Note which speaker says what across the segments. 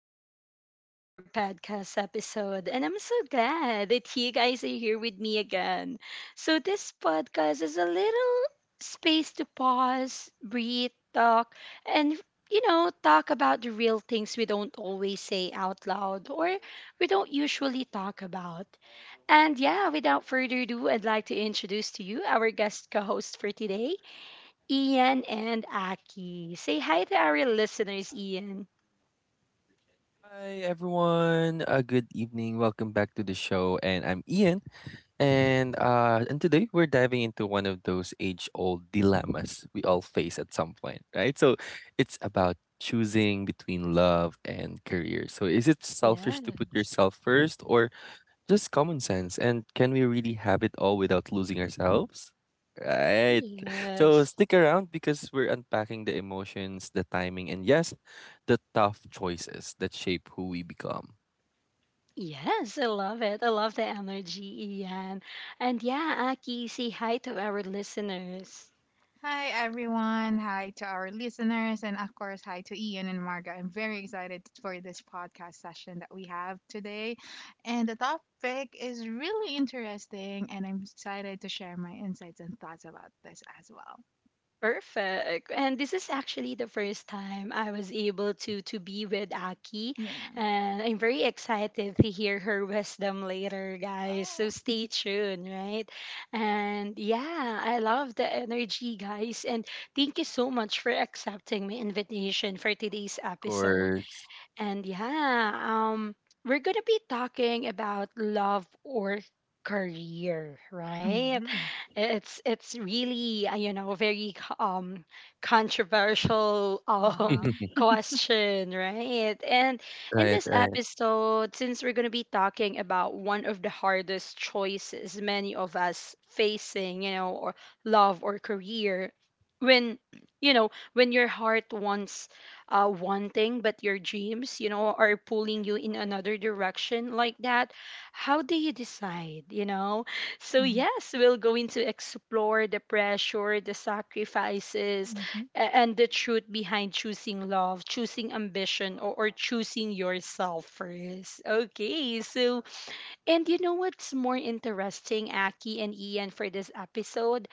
Speaker 1: welcome back to another podcast episode. And I'm so glad that you guys are here with me again. So, this podcast is a little space to pause, breathe, talk, and talk about the real things we don't always say out loud or we don't usually talk about. And yeah, without further ado, I'd like to introduce to you our guest co host for today. Ian and Aki. Say hi to our listeners, Ian.
Speaker 2: Hi everyone. Good evening. Welcome back to the show. And I'm Ian. And today we're diving into one of those age-old dilemmas we all face at some point, right? So it's about choosing between love and career. So is it selfish to put
Speaker 1: Yes.
Speaker 2: yourself first, or just common sense. And can we really have it all without losing ourselves? Right. So
Speaker 1: Yes.
Speaker 2: stick around because we're unpacking the emotions, the timing, and yes, the tough choices that shape who we become.
Speaker 1: Yes, I love it. I love the energy, Ian. And yeah, Aki, say hi to our listeners.
Speaker 3: Hi, everyone. Hi to our listeners. And of course, hi to Ian and Marga. I'm very excited for this podcast session that we have today. And the topic is really interesting. And I'm excited to share my insights and thoughts about this as well.
Speaker 1: Perfect. And this is actually the first time I was able to be with Aki,
Speaker 3: Yeah.
Speaker 1: and I'm very excited to hear her wisdom later, guys. So stay tuned, right? And yeah, I love the energy, guys. And thank you so much for accepting my invitation for today's
Speaker 2: Of
Speaker 1: episode.
Speaker 2: course.
Speaker 1: And yeah, we're going to be talking about love or career, right?
Speaker 3: Mm-hmm.
Speaker 1: It's really very controversial
Speaker 3: Uh huh.
Speaker 1: question, right? And in
Speaker 2: Right,
Speaker 1: this
Speaker 2: right.
Speaker 1: episode, since we're going to be talking about one of the hardest choices many of us facing, or love or career, when when your heart wants one thing, but your dreams, are pulling you in another direction like that, how do you decide, so, yes, we'll going to explore the pressure, the sacrifices,
Speaker 3: Mm-hmm.
Speaker 1: and the truth behind choosing love, choosing ambition, or choosing yourself first. Okay, so, and you know what's more interesting, Aki and Ian, for this episode?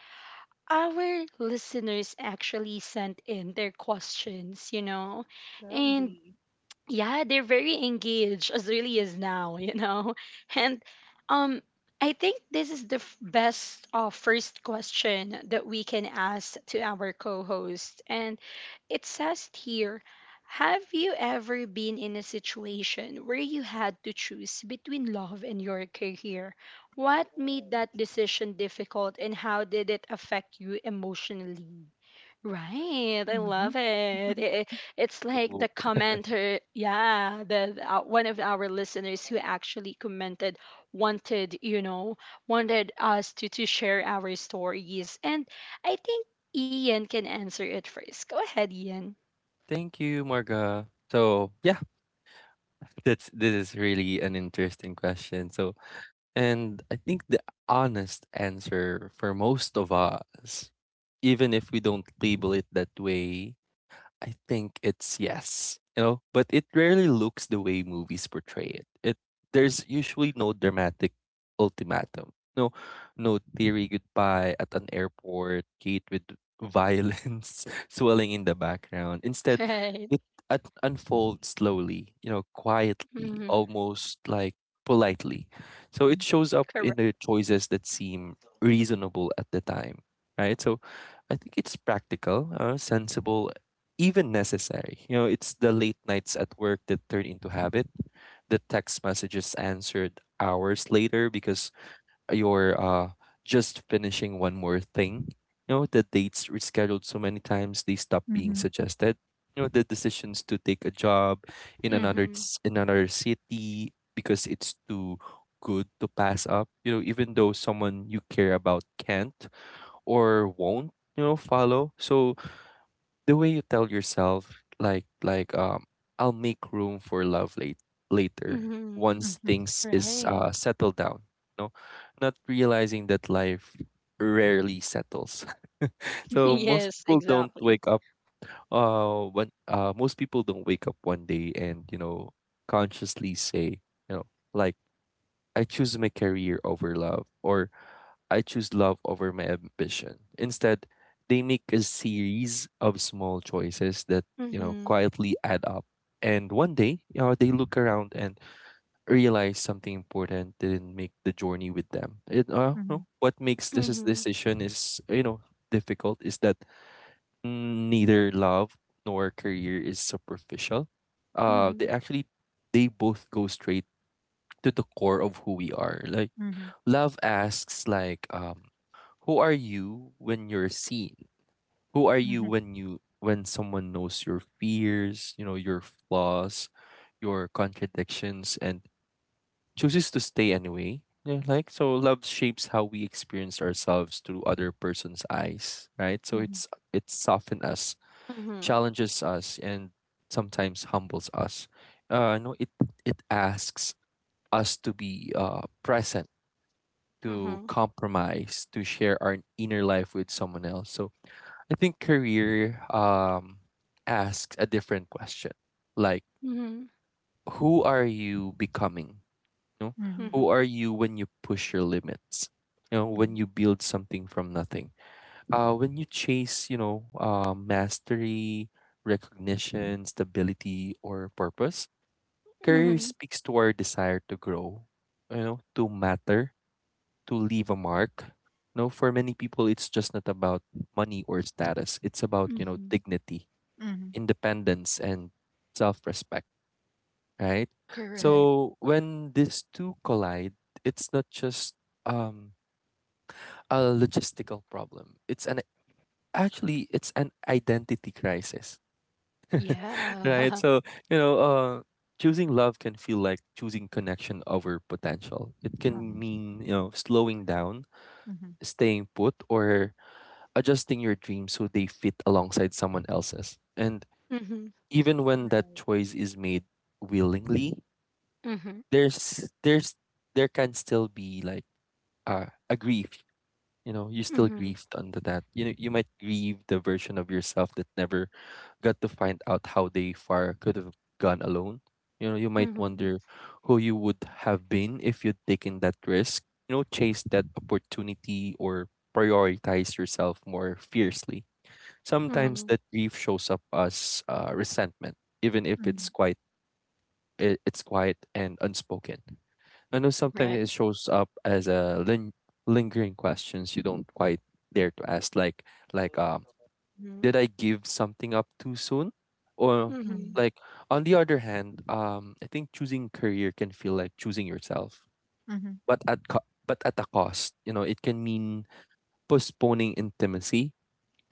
Speaker 1: Our listeners actually sent in their questions, and
Speaker 3: Lovely.
Speaker 1: yeah, they're very engaged as early as now, and um I think this is the best first question that we can ask to our co-host, and it says here, have you ever been in a situation where you had to choose between love and your career? What made that decision difficult, and how did it affect you emotionally? Right. I
Speaker 3: Mm-hmm.
Speaker 1: love it. It's like
Speaker 2: Ooh,
Speaker 1: the commenter, yeah, one of our listeners who actually commented wanted, wanted us to share our stories, and I think Ian can answer it first. Go ahead, Ian.
Speaker 2: thank you, Marga. So yeah, that's this is really an interesting question. So and I think the honest answer for most of us, even if we don't label it that way, I think it's yes, you know, but it rarely looks the way movies portray it. There's usually no dramatic ultimatum, no teary goodbye at an airport gate with violence swelling in the background. Instead,
Speaker 1: Right.
Speaker 2: it unfolds slowly, you know, quietly,
Speaker 1: Mm-hmm.
Speaker 2: almost like politely. So it
Speaker 3: Mm-hmm.
Speaker 2: shows up
Speaker 1: Correct.
Speaker 2: in the choices that seem reasonable at the time, right? So I think it's practical, sensible, even necessary. You know, it's the late nights at work that turn into habit, the text messages answered hours later because you're just finishing one more thing. You know, the dates rescheduled so many times they stop being
Speaker 3: Mm-hmm.
Speaker 2: suggested. You know, the decisions to take a job in
Speaker 1: Mm-hmm.
Speaker 2: in another city because it's too good to pass up. You know, even though someone you care about can't or won't, you know, follow. So the way you tell yourself, like, I'll make room for love later,
Speaker 1: Mm-hmm.
Speaker 2: once
Speaker 3: Mm-hmm.
Speaker 2: things is
Speaker 1: Right.
Speaker 2: settled down. No, not realizing that life rarely settles. So most
Speaker 1: Yes.
Speaker 2: people don't
Speaker 1: Exactly.
Speaker 2: wake up, when most people don't wake up one day and, you know, consciously say, you know, like, I choose my career over love, or I choose love over my ambition. Instead, they make a series of small choices that, you know,
Speaker 1: Mm-hmm.
Speaker 2: quietly add up. And one day, you know, they look around and realize something important didn't make the journey with them. It,
Speaker 3: Mm-hmm.
Speaker 2: no, What makes this
Speaker 1: Mm-hmm.
Speaker 2: decision is, you know, difficult is that neither love nor career is superficial. They
Speaker 1: Mm-hmm.
Speaker 2: actually, they both go straight to the core of who we are. Like,
Speaker 3: Mm-hmm.
Speaker 2: love asks like, who are you when you're seen? Who are
Speaker 3: Mm-hmm.
Speaker 2: you
Speaker 3: Mm-hmm.
Speaker 2: when someone knows your fears, you know, your flaws, your contradictions, and chooses to stay anyway? Yeah, like, so love shapes how we experience ourselves through other person's eyes, right? So
Speaker 3: Mm-hmm.
Speaker 2: it's it softens us,
Speaker 1: Mm-hmm.
Speaker 2: challenges us, and sometimes humbles us. No, it it asks us to be present, to
Speaker 1: Mm-hmm.
Speaker 2: compromise, to share our inner life with someone else. So I think career, asks a different question. Like,
Speaker 1: Mm-hmm.
Speaker 2: who are you becoming? You know?
Speaker 3: Mm-hmm.
Speaker 2: Who
Speaker 1: Mm-hmm.
Speaker 2: are you when you push your limits? You know, when you build something from nothing. Uh, when you chase, you know, mastery, recognition, stability, or purpose. Career
Speaker 1: Mm-hmm.
Speaker 2: speaks to our desire to grow, you know, to matter, to leave a mark. No, for many people, it's just not about money or status. It's about, you know,
Speaker 1: Mm-hmm.
Speaker 2: dignity,
Speaker 3: Mm-hmm.
Speaker 2: independence, and self respect, right?
Speaker 1: Correct.
Speaker 2: So when these two collide, it's not just um, a logistical problem. It's an Actually, it's an identity crisis, right?
Speaker 1: Yeah.
Speaker 2: So, you know, choosing love can feel like choosing connection over potential. It
Speaker 3: Mm-hmm.
Speaker 2: can mean, you know, slowing down,
Speaker 3: mm
Speaker 2: staying put, or adjusting your dreams so they fit alongside someone else's. And
Speaker 1: Mm-hmm.
Speaker 2: even when that
Speaker 3: Right.
Speaker 2: choice is made willingly,
Speaker 1: Mhm.
Speaker 2: there's there's there can still be like, a grief. You know, you still
Speaker 1: Mhm.
Speaker 2: grieved under that. You know, you might grieve the version of yourself that never got to find out how they far could have gone alone. You know, you might
Speaker 1: Mhm.
Speaker 2: wonder who you would have been if you'd taken that risk. You know, chase that opportunity or prioritize yourself more fiercely. Sometimes
Speaker 1: Mhm.
Speaker 2: that grief shows up as, resentment, even if
Speaker 3: Mm-hmm.
Speaker 2: it's it's quiet and unspoken. I know sometimes
Speaker 1: Right.
Speaker 2: it shows up as a lingering questions you don't quite dare to ask, like, like um,
Speaker 1: Mhm.
Speaker 2: did I give something up too soon, or,
Speaker 1: Mhm.
Speaker 3: Mhm.
Speaker 2: like, on the other hand, I think choosing career can feel like choosing yourself,
Speaker 3: Mhm.
Speaker 2: but but at a cost. You know, it can mean postponing intimacy,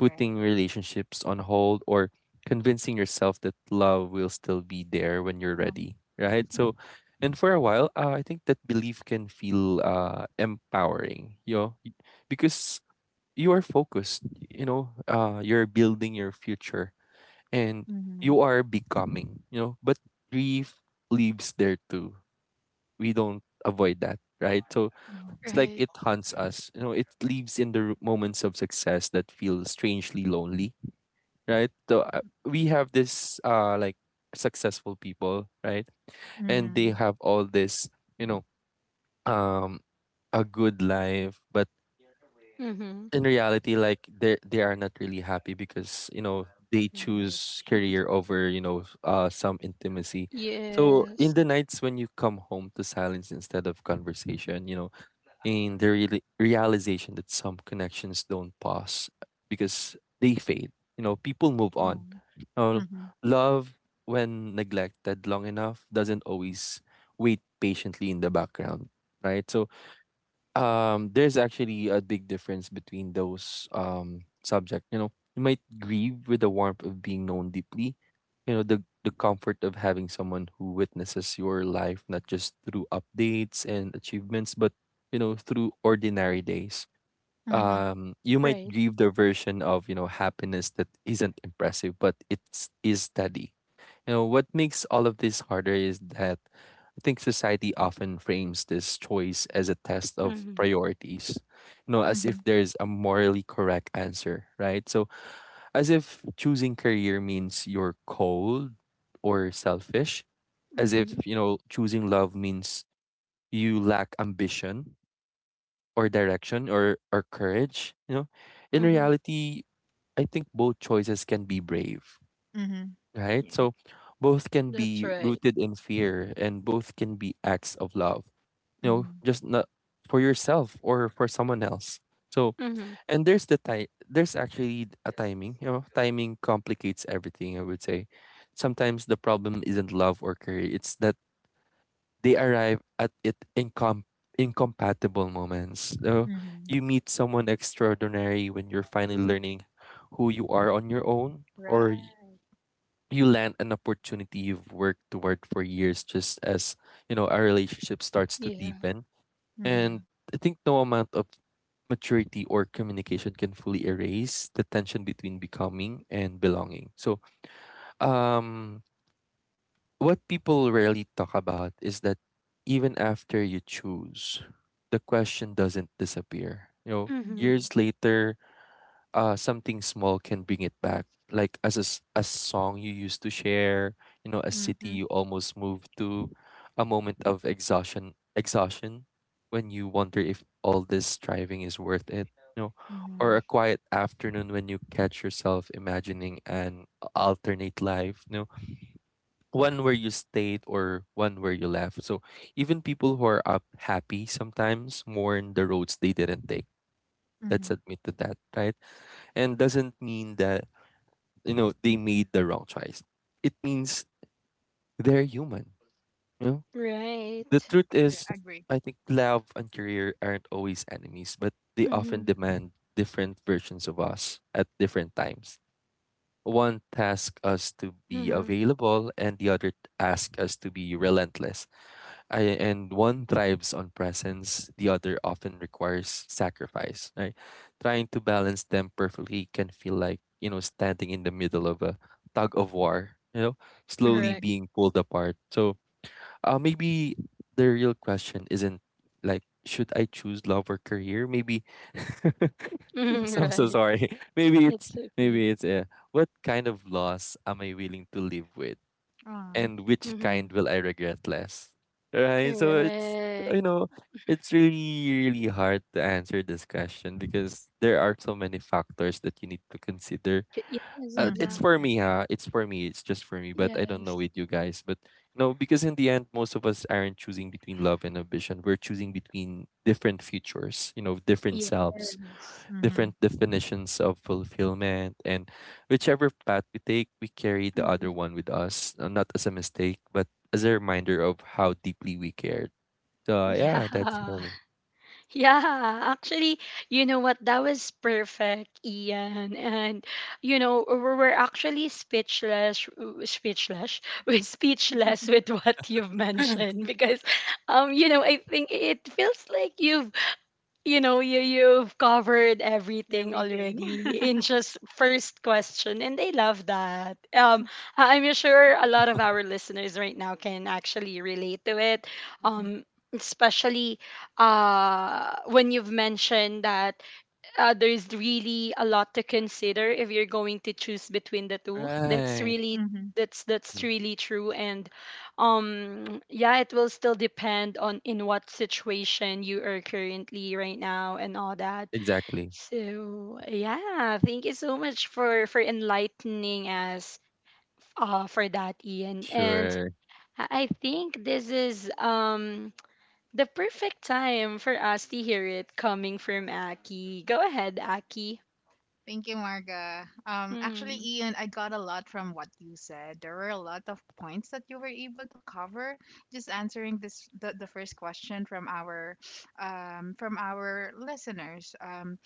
Speaker 2: putting relationships on hold, or convincing yourself that love will still be there when you're
Speaker 3: Oh.
Speaker 2: ready, right? So, and for a while, I think that belief can feel, empowering, you know, because you are focused, you know, you're building your future, and
Speaker 3: Mhm.
Speaker 2: you are becoming, you know, but grief leaves there too. We don't avoid that, right? So,
Speaker 3: Mhm.
Speaker 2: it's like
Speaker 1: Right.
Speaker 2: it haunts us. You know, it lives in the moments of success that feel strangely lonely, right? So, we have this, uh, like successful people, right? And they
Speaker 3: Mhm.
Speaker 2: have all this, you know, um a good life, but
Speaker 1: Mhm.
Speaker 2: in reality, like, they are not really happy because, you know, they
Speaker 3: Right.
Speaker 2: choose career over, you know, uh, some intimacy. So in
Speaker 1: Yes.
Speaker 2: the nights when you come home to silence instead of conversation, you know, and the realization that some connections don't pause because they fade. You know, people move
Speaker 3: Oh.
Speaker 2: on. Uh,
Speaker 3: Mhm.
Speaker 2: love, when neglected long enough, doesn't always wait patiently in the background, right? So, there's actually a big difference between those, subject, you know, you might grieve with the warmth of being known deeply, you know, the comfort of having someone who witnesses your life not just through updates and achievements, but, you know, through ordinary days.
Speaker 3: Mhm.
Speaker 2: You
Speaker 3: Yeah.
Speaker 2: might
Speaker 1: Right.
Speaker 2: grieve the version of, you know, happiness that isn't impressive, but it's is steady, you know, what makes all of this harder is that I think society often frames this choice as a test of
Speaker 1: Mhm.
Speaker 2: priorities, you know, as if
Speaker 3: Mhm.
Speaker 2: there's a morally correct answer, right? So, as if choosing career means you're cold or selfish, as if,
Speaker 1: Mhm.
Speaker 2: you know, choosing love means you lack ambition or direction, or courage, you know. In
Speaker 1: Mhm.
Speaker 2: reality, I think both choices can be brave,
Speaker 3: Mhm.
Speaker 2: right?
Speaker 3: Yeah.
Speaker 2: So both can
Speaker 1: That's
Speaker 2: be
Speaker 1: right.
Speaker 2: rooted in fear, and both can be acts of love, you know,
Speaker 3: Mhm.
Speaker 2: just not for yourself or for someone else. So,
Speaker 1: Mhm.
Speaker 2: and there's the ti- there's actually a timing, you know, timing complicates everything, I would say. Sometimes the problem isn't love or care, it's that they arrive at it in incompatible moments. So
Speaker 3: Mhm.
Speaker 2: you meet someone extraordinary when you're finally
Speaker 1: Mhm.
Speaker 2: learning who you are on your own, or
Speaker 3: Right.
Speaker 2: you land an opportunity you've worked toward for years just as, you know, our relationship starts to
Speaker 1: Yeah.
Speaker 2: deepen, and
Speaker 3: Mhm.
Speaker 2: I think no amount of maturity or communication can fully erase the tension between becoming and belonging. So, um what people rarely talk about is that even after you choose, the question doesn't disappear, you know,
Speaker 1: Mhm.
Speaker 3: Mhm.
Speaker 2: years later, uh, something small can bring it back, like, a song you used to share, you know, a city
Speaker 3: Mhm.
Speaker 2: you almost moved to, a moment of exhaustion when you wonder if all this striving is worth it, you know, or a
Speaker 3: Mhm.
Speaker 2: quiet afternoon when you catch yourself imagining an alternate life, you know, one where you stayed or one where you left. So even people who are up happy sometimes mourn the roads they didn't take. Let's
Speaker 3: Mhm.
Speaker 2: admit to that, right? And doesn't mean that, you know, they made the wrong choice. It means they're human, you know. The
Speaker 1: Right.
Speaker 2: truth
Speaker 3: Right.
Speaker 2: is,
Speaker 3: Agree.
Speaker 2: I think love and career aren't always enemies, but they often
Speaker 1: Mhm.
Speaker 2: demand different versions of us at different times. One tasks us to be
Speaker 1: Mhm.
Speaker 2: available, and the other tasks us to be relentless. I, and One thrives on presence, the other often requires sacrifice, right? Trying to balance them perfectly can feel like, you know, standing in the middle of a tug of war, you know, slowly
Speaker 1: Correct.
Speaker 3: Mhm.
Speaker 2: being pulled apart. So, maybe the real question isn't, like, should I choose love or career? Maybe
Speaker 1: Mhm.
Speaker 2: So I'm so
Speaker 1: Right.
Speaker 2: sorry.
Speaker 1: It's okay.
Speaker 2: Maybe it's, what kind of loss am I willing to live with?
Speaker 3: Oh.
Speaker 2: And which kind
Speaker 1: Mhm.
Speaker 2: will I regret less? Right? So it's, you
Speaker 1: Correct.
Speaker 2: know, it's really, really hard to answer this question because there are so many factors that you need to consider.
Speaker 1: Yes.
Speaker 2: It's
Speaker 1: Exactly.
Speaker 3: Mhm.
Speaker 2: for me,
Speaker 3: Agree.
Speaker 2: huh? It's for me. It's just for me. But I don't
Speaker 1: Yes.
Speaker 2: know with you guys. But no, because in the end, most of us aren't choosing between love and ambition. We're choosing between different futures, different selves,
Speaker 1: Yes.
Speaker 3: Mhm.
Speaker 2: different definitions of fulfillment. And whichever path we take, we carry the other
Speaker 1: Mhm.
Speaker 2: one with us, not as a mistake but as a reminder of how deeply we cared. So yeah, that's
Speaker 1: Yeah.
Speaker 2: for me.
Speaker 1: Yeah, actually, you know what? That was perfect, Ian. And you know, we're actually speechless, we're speechless with what you've mentioned, because, you know, I think it feels like you've covered everything
Speaker 3: Everything.
Speaker 1: already in just first question, and they love that. I'm sure a lot of our listeners right now can actually relate to it,
Speaker 3: Mhm.
Speaker 1: um especially when you've mentioned that there's really a lot to consider if you're going to choose between the two. That's
Speaker 2: Right.
Speaker 1: really
Speaker 3: Mhm.
Speaker 1: that's
Speaker 2: Mm,
Speaker 1: really true. And yeah, it will still depend on in what situation you are currently right now and all that.
Speaker 2: exactly.
Speaker 1: So yeah, thank you so much for enlightening us for that, Ian. And
Speaker 2: Sure.
Speaker 1: I think this is the perfect time for us to hear it coming from Aki. Go ahead, Aki.
Speaker 3: Thank you, Marga. Actually,
Speaker 1: Mm.
Speaker 3: Ian, I got a lot from what you said. There were a lot of points that you were able to cover. Just answering this, the first question from our listeners.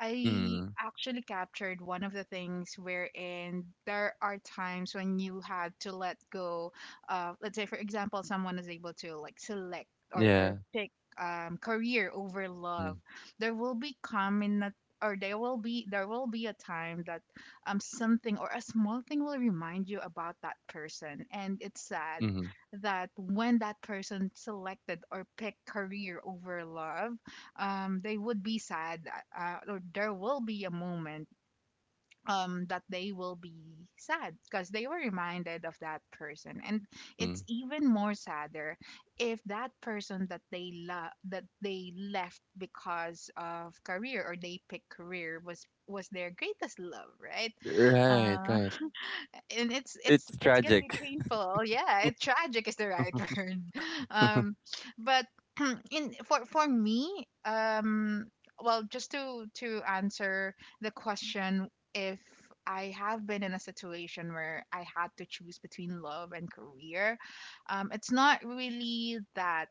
Speaker 3: I
Speaker 2: Mm.
Speaker 3: actually captured one of the things wherein there are times when you had to let go. Let's say, for example, someone is able to like select or
Speaker 2: Yeah.
Speaker 3: or pick. Career over love,
Speaker 2: Mm.
Speaker 3: there will be common or there will be a time that something or a small thing will remind you about that person, and it's sad
Speaker 2: Hmm.
Speaker 3: that when that person selected or picked career over love, they would be sad, or there will be a moment that they will be sad because they were reminded of that person. And
Speaker 2: Mm.
Speaker 3: it's even more sadder if that person that they love, that they left because of career, or they picked career, was their greatest love, right?
Speaker 2: Right,
Speaker 3: uh
Speaker 2: right.
Speaker 3: and it's it's
Speaker 2: It's
Speaker 3: it's gonna be
Speaker 2: tragic.
Speaker 3: painful. Yeah, it, tragic is the right word. Um, but in for me, well, just to answer the question, if I have been in a situation where I had to choose between love and career, it's not really that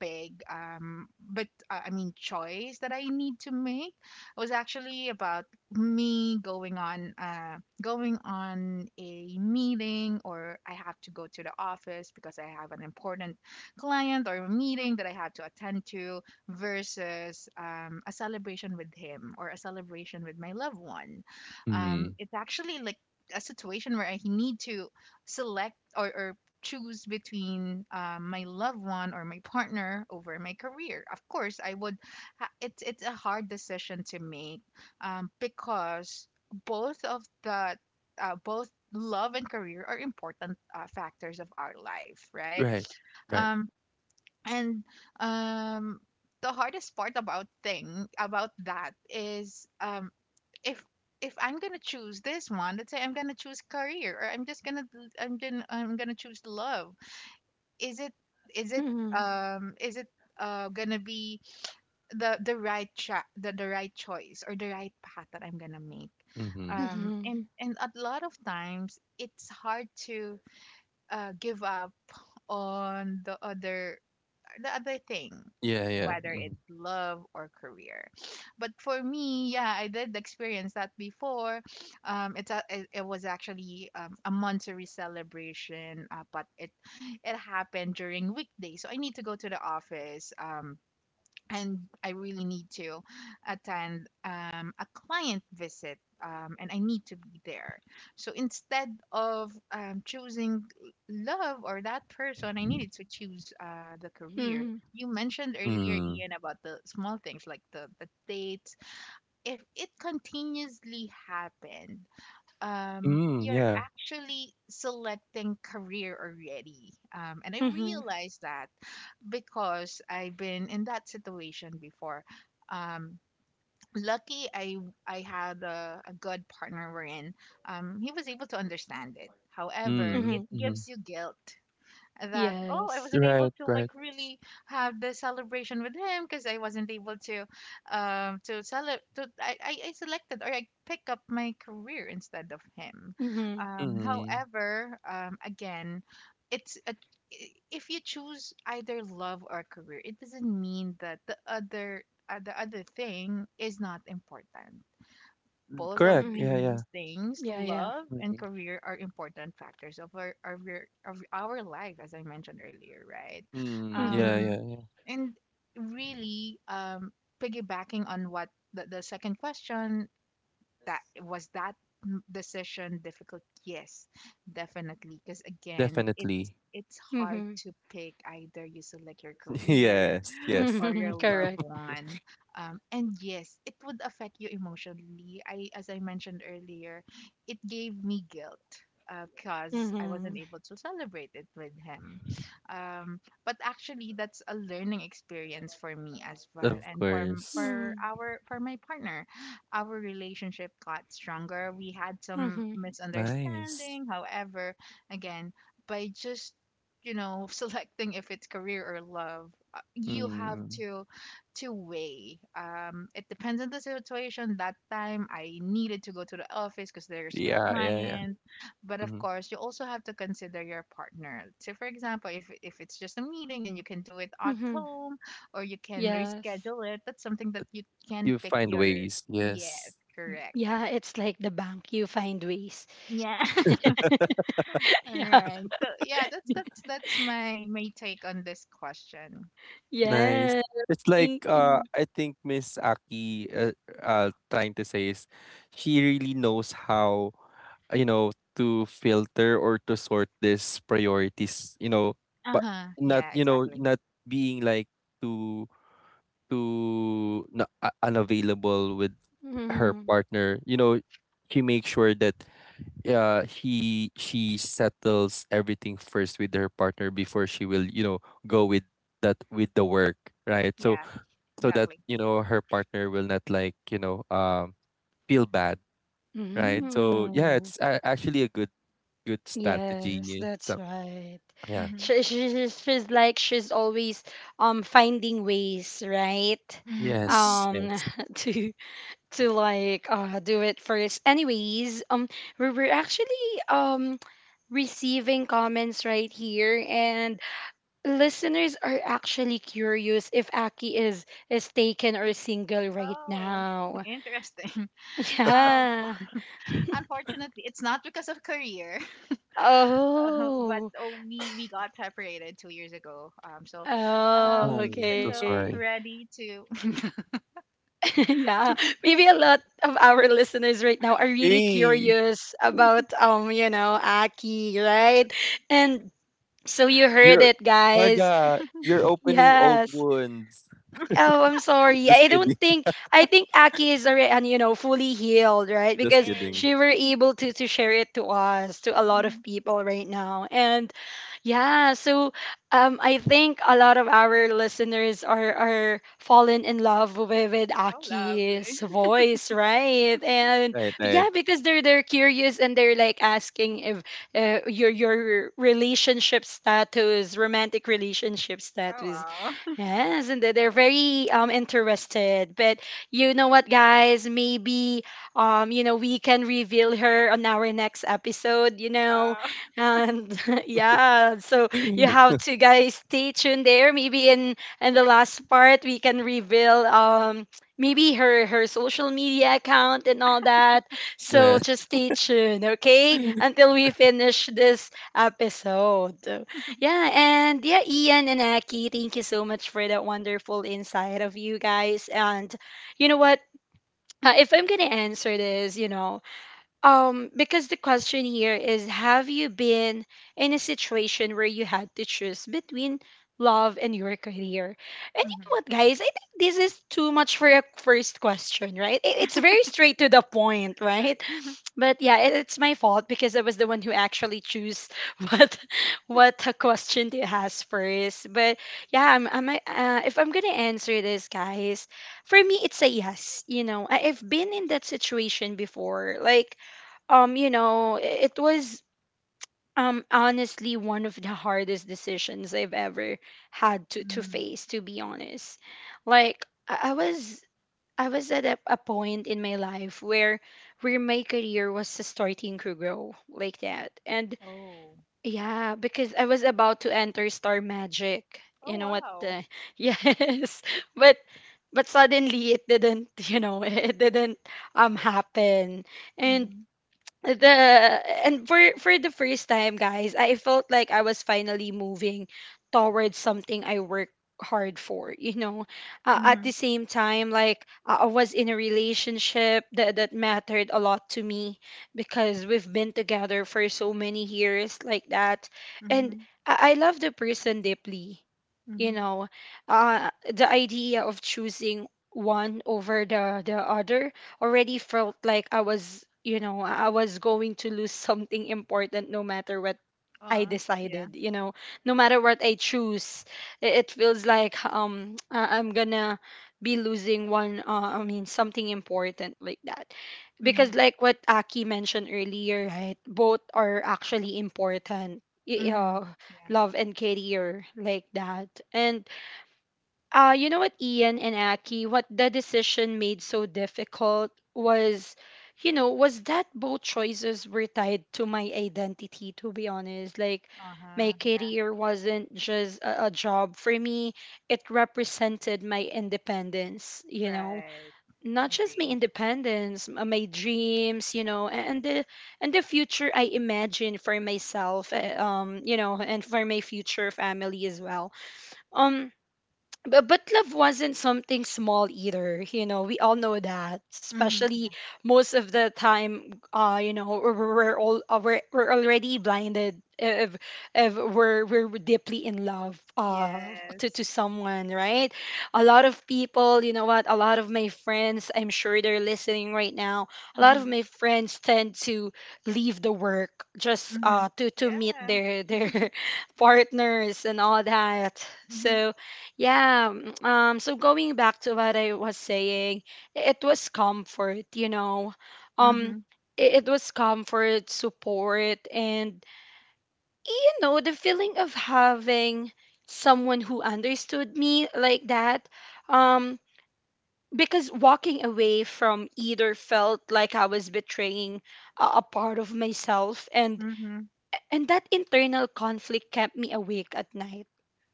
Speaker 3: big, but I mean, choice that I need to make was actually about me going on a meeting, or I have to go to the office because I have an important client or a meeting that I had to attend to, versus a celebration with him or a celebration with my loved one.
Speaker 2: Mm.
Speaker 3: It's actually like a situation where I need to select, or choose between my loved one or my partner over my career. Of course, I would. It's a hard decision to make, because both of the both love and career are important factors of our life, right?
Speaker 2: Right, right.
Speaker 3: um and um the hardest part about thing about that is, if if I'm gonna choose this one, let's say I'm gonna choose career, or I'm just gonna choose love, is it is it
Speaker 1: Mhm.
Speaker 3: is it gonna be the right choice, or the right path that I'm gonna make?
Speaker 2: Mm-hmm.
Speaker 1: Mhm.
Speaker 3: And a lot of times, it's hard to give up on the other, the other thing,
Speaker 2: Yeah, yeah.
Speaker 3: whether
Speaker 2: Mm-hmm.
Speaker 3: it's love or career. But for me, yeah, I did experience that before. It's a, it was actually a monthsary celebration, but it happened during weekdays, so I need to go to the office, and I really need to attend a client visit, and I need to be there. So instead of choosing love or that person, I needed to choose the career.
Speaker 1: Mhm.
Speaker 3: You mentioned earlier,
Speaker 2: Mm.
Speaker 3: Ian, about the small things like the dates. If it continuously happened,
Speaker 2: Mm,
Speaker 3: you're
Speaker 2: yeah.
Speaker 3: actually selecting career already. And I
Speaker 1: Mhm.
Speaker 3: realized that because I've been in that situation before. Um, Lucky I had a good partner, wherein he was able to understand it. However,
Speaker 2: Mm.
Speaker 3: it
Speaker 1: Mhm.
Speaker 2: Mm-hmm.
Speaker 3: gives you guilt that, oh, I
Speaker 1: Yes.
Speaker 3: wasn't able
Speaker 2: Right,
Speaker 3: to
Speaker 2: right.
Speaker 3: like really have the celebration with him, because I wasn't able to celebrate to I selected or I pick up my career instead of him.
Speaker 1: Mhm.
Speaker 2: Mm.
Speaker 3: However, again, it's a, I- if you choose either love or career, it doesn't mean that the other thing is not important. Both of
Speaker 2: Correct. Yeah,
Speaker 3: these
Speaker 2: yeah.
Speaker 1: Mhm.
Speaker 3: things,
Speaker 1: Yeah, yeah.
Speaker 3: love and
Speaker 2: Mhm.
Speaker 3: career, are important factors of our life, as I mentioned earlier, right?
Speaker 2: Mm, yeah,
Speaker 1: Mhm.
Speaker 3: Um,
Speaker 2: yeah, yeah.
Speaker 3: and really, piggybacking on what the second question, that was that m- decision difficult? Yes, definitely. Because again,
Speaker 2: Definitely.
Speaker 3: it's hard
Speaker 1: Mhm.
Speaker 3: to pick, either you select your career
Speaker 2: Yes, yes.
Speaker 3: or your
Speaker 1: Mhm.
Speaker 3: loved
Speaker 1: Correct.
Speaker 3: one. And yes, it would affect you emotionally. I, as I mentioned earlier, it gave me guilt because I wasn't
Speaker 1: Mm-hmm.
Speaker 3: able to celebrate it with him. But actually, that's a learning experience for me as well,
Speaker 2: Of
Speaker 3: and for m-
Speaker 2: course.
Speaker 3: for
Speaker 1: Mm-hmm.
Speaker 3: our for my partner. Our relationship got stronger. We had some
Speaker 1: Mm-hmm.
Speaker 2: Nice.
Speaker 3: misunderstanding, however, again, by just you know selecting if it's career or love, you have
Speaker 2: Mm.
Speaker 3: to weigh, it depends on the situation. That time I needed to go to the office because there's a
Speaker 2: Yeah, yeah, yeah.
Speaker 3: client. But of
Speaker 2: Hmm.
Speaker 3: course, you also have to consider your partner. So for example, if it's just a meeting and you can do it at
Speaker 1: Mm-hmm.
Speaker 3: home, or you can
Speaker 1: Yes.
Speaker 3: reschedule it, that's something that you can
Speaker 2: You
Speaker 3: pick
Speaker 2: find
Speaker 3: your,
Speaker 2: ways.
Speaker 3: yes,
Speaker 2: Yes.
Speaker 3: correct,
Speaker 1: Yeah, it's like the bank. You find ways.
Speaker 3: yeah. All
Speaker 1: Yeah.
Speaker 3: right, so yeah, that's that's my my take on this question.
Speaker 2: Nice.
Speaker 1: Yeah.
Speaker 2: It's like
Speaker 1: Thank you.
Speaker 2: I think Miss Aki trying to say is she really knows how uh, you know to filter or to sort these priorities, but
Speaker 3: Uh-huh. Yeah,
Speaker 2: not,
Speaker 3: exactly.
Speaker 2: being like too, unavailable with her
Speaker 1: Mm-hmm.
Speaker 2: partner. She makes sure that he she settles everything first with her partner before she will, go with that, with the work, right. So,
Speaker 3: Yeah,
Speaker 2: that,
Speaker 3: exactly.
Speaker 2: her partner will not, like, feel bad, right.
Speaker 3: Mhm.
Speaker 2: So yeah,
Speaker 1: Mm-hmm.
Speaker 2: it's actually a good
Speaker 1: Yes,
Speaker 2: strategy.
Speaker 1: that's
Speaker 2: So
Speaker 1: right.
Speaker 2: yeah.
Speaker 3: Mhm.
Speaker 1: She's like she's always finding ways, right?
Speaker 3: Mhm.
Speaker 2: Yes,
Speaker 1: Um
Speaker 2: yes.
Speaker 1: to to like do it first. Anyways, we were actually um receiving comments right here, and listeners are actually curious if Aki is taken or single right
Speaker 3: Oh,
Speaker 1: now.
Speaker 3: interesting. Um,
Speaker 1: Yeah.
Speaker 3: unfortunately, it's not because of career, but
Speaker 1: Oh.
Speaker 3: oh, we got separated 2 years ago. So,
Speaker 1: Oh,
Speaker 2: Oh, so
Speaker 1: okay.
Speaker 3: single,
Speaker 2: sorry.
Speaker 3: ready to.
Speaker 1: Yeah, maybe a lot of our listeners right now are really
Speaker 2: Hey.
Speaker 1: curious about, you know, Aki, right? And so you heard
Speaker 2: You're
Speaker 1: it, guys.
Speaker 2: Marga, you're opening old
Speaker 1: Yes.
Speaker 2: wounds.
Speaker 1: Oh, I'm sorry.
Speaker 2: Just
Speaker 1: I don't
Speaker 2: kidding.
Speaker 1: think I think Aki is already, and you know, fully healed, right?
Speaker 2: Just
Speaker 1: Because
Speaker 3: Yes.
Speaker 2: kidding.
Speaker 1: she were able to share it to us, to a lot
Speaker 3: Mhm.
Speaker 1: of people right now. And yeah, so I think a lot of our listeners are fallen in love with
Speaker 3: Oh, lovely.
Speaker 1: Aki's voice, right? And
Speaker 2: Right,
Speaker 1: but
Speaker 2: right.
Speaker 1: yeah, because they're curious, and they're like asking if your relationship status, romantic relationship
Speaker 3: Oh
Speaker 1: status.
Speaker 3: wow.
Speaker 1: Yes, and they're very interested. But you know what, guys? Maybe you know, we can reveal her on our next episode. You know,
Speaker 3: Uh,
Speaker 1: and yeah, so you have to guys stay tuned there. Maybe in the last part we can reveal maybe her social media account and all that. So
Speaker 2: Right,
Speaker 1: just stay tuned, okay? Until we finish this episode. Yeah, and yeah, Ian and Aki, thank you so much for that wonderful insight of you guys. And you know what? If I'm gonna answer this, you know, because the question here is, have you been in a situation where you had to choose between love and your career? And you know
Speaker 3: mhm.
Speaker 1: what, guys? I think this is too much for a first question, right? It's very straight to the point,
Speaker 3: Right.
Speaker 1: right? But yeah, it's my fault, because I was the one who actually choose what what a question to ask first. But yeah, I'm if I'm gonna answer this, guys, for me it's a yes. You know, I've been in that situation before. Like, you know, it was honestly one of the hardest decisions I've ever had to
Speaker 3: Mm.
Speaker 1: face. To be honest, like I was a point in my life where my career was starting to grow like that. And
Speaker 3: Oh.
Speaker 1: yeah, because I was about to enter Star Magic.
Speaker 3: Oh
Speaker 1: You know what
Speaker 3: wow.
Speaker 1: the yes. But but suddenly it didn't, you know, it didn't happen. And
Speaker 3: Mhm.
Speaker 1: the and for the first time, guys, I felt like I was finally moving towards something I worked hard for, you know. At
Speaker 3: Mhm.
Speaker 1: the same time, like, I was in a relationship that, that mattered a lot to me, because we've been together for so many years like that. And
Speaker 3: Mhm.
Speaker 1: I love the person deeply, you
Speaker 3: Mhm.
Speaker 1: know. The idea of choosing one over the other already felt like I was, you know, I was going to lose something important no matter what I
Speaker 3: Uh, yeah.
Speaker 1: decided, you know. No matter what I choose, it feels like I'm gonna be losing one, I mean something important like that. Because
Speaker 3: Mhm.
Speaker 1: like what Aki mentioned earlier, right? Both are actually important.
Speaker 3: Mhm. Yeah.
Speaker 1: Love and career like that. And you know what, Ian and Aki, what the decision made so difficult was, you know, was that both choices were tied to my identity, to be honest. Like, my
Speaker 3: Uh-huh, yeah,
Speaker 1: career wasn't just a job for me, it represented my independence, you know.
Speaker 3: right.
Speaker 1: Not just my
Speaker 3: Agree.
Speaker 1: independence, my dreams, you know, and the future I imagine for myself, you know, and for my future family as well. Um, but love wasn't something small either, you know. We all know that,
Speaker 3: Mm-hmm. Yeah.
Speaker 1: especially most of the time, you know, we're all, we're already blinded if we're deeply in love
Speaker 3: Yes.
Speaker 1: to someone, right? A lot of people, you know what, a lot of my friends, I'm sure they're listening right now, a lot of
Speaker 3: Mm-hmm.
Speaker 1: my friends tend to leave the work just
Speaker 3: Mm-hmm.
Speaker 1: to meet
Speaker 3: Yeah.
Speaker 1: their partners and all that.
Speaker 3: Mm-hmm.
Speaker 1: So yeah. So going back to what I was saying, it was comfort, you know.
Speaker 3: Mm-hmm.
Speaker 1: Um, it was comfort, support, and you know, the feeling of having someone who understood me like that. Um, because walking away from either felt like I was betraying a part of myself, and
Speaker 3: Mm-hmm.
Speaker 1: that internal conflict kept me awake at night,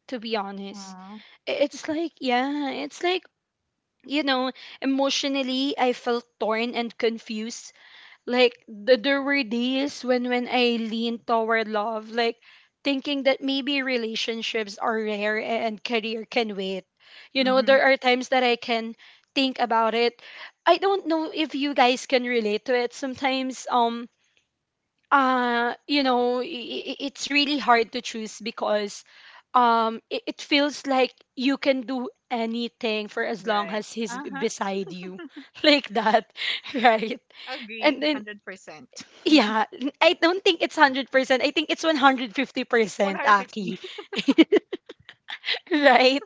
Speaker 1: to be honest.
Speaker 3: Uh,
Speaker 1: It's like, yeah, it's like, you know, emotionally, I felt torn and confused. Like, there were days when I leaned toward love, like, thinking that maybe relationships are rare and career can wait. You know,
Speaker 3: Mm-hmm.
Speaker 1: there are times that I can think about it. I don't know if you guys can relate to it. Sometimes, it's really hard to choose because it feels like you can do anything for as long
Speaker 3: right.
Speaker 1: as he's
Speaker 3: Uh-huh.
Speaker 1: beside you like that right.
Speaker 3: Agree.
Speaker 1: And then
Speaker 3: 100%.
Speaker 1: I don't think it's 100%. I think it's 150%,
Speaker 3: 150.
Speaker 1: Aki. Right?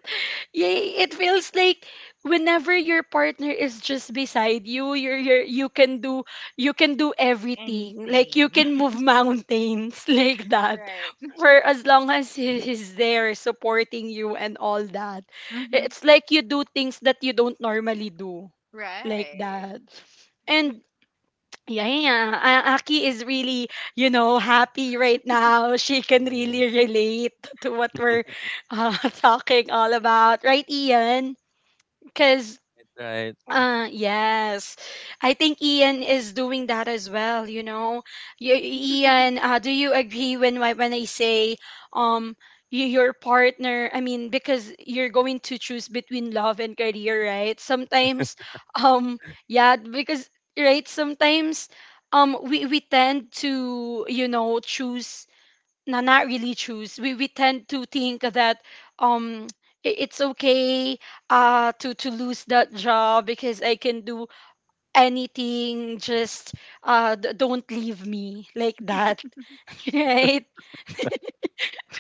Speaker 1: Yeah, it feels like whenever your partner is just beside you, you're you can do everything. Like you
Speaker 3: Anything.
Speaker 1: can move mountains like that.
Speaker 3: Right.
Speaker 1: For as long as he's there supporting you and all that.
Speaker 3: Mm-hmm.
Speaker 1: It's like you do things that you don't normally do like
Speaker 3: Right.
Speaker 1: that. And yeah, yeah, yeah. Aki is really, you know, happy right now. She can
Speaker 2: yeah, right.
Speaker 1: really relate to what we're uh, talking all about, right, Ian? Because
Speaker 2: Right.
Speaker 1: yes. I think Ian is doing that as well, you know. Ian, do you agree when when I say um your partner, I mean because you're going to choose between love and career, right? Sometimes um yeah, because right sometimes we tend to, you know, choose. No, not really choose. We tend to think that um it's okay to lose that job because I can do anything. Just don't leave me like that, right?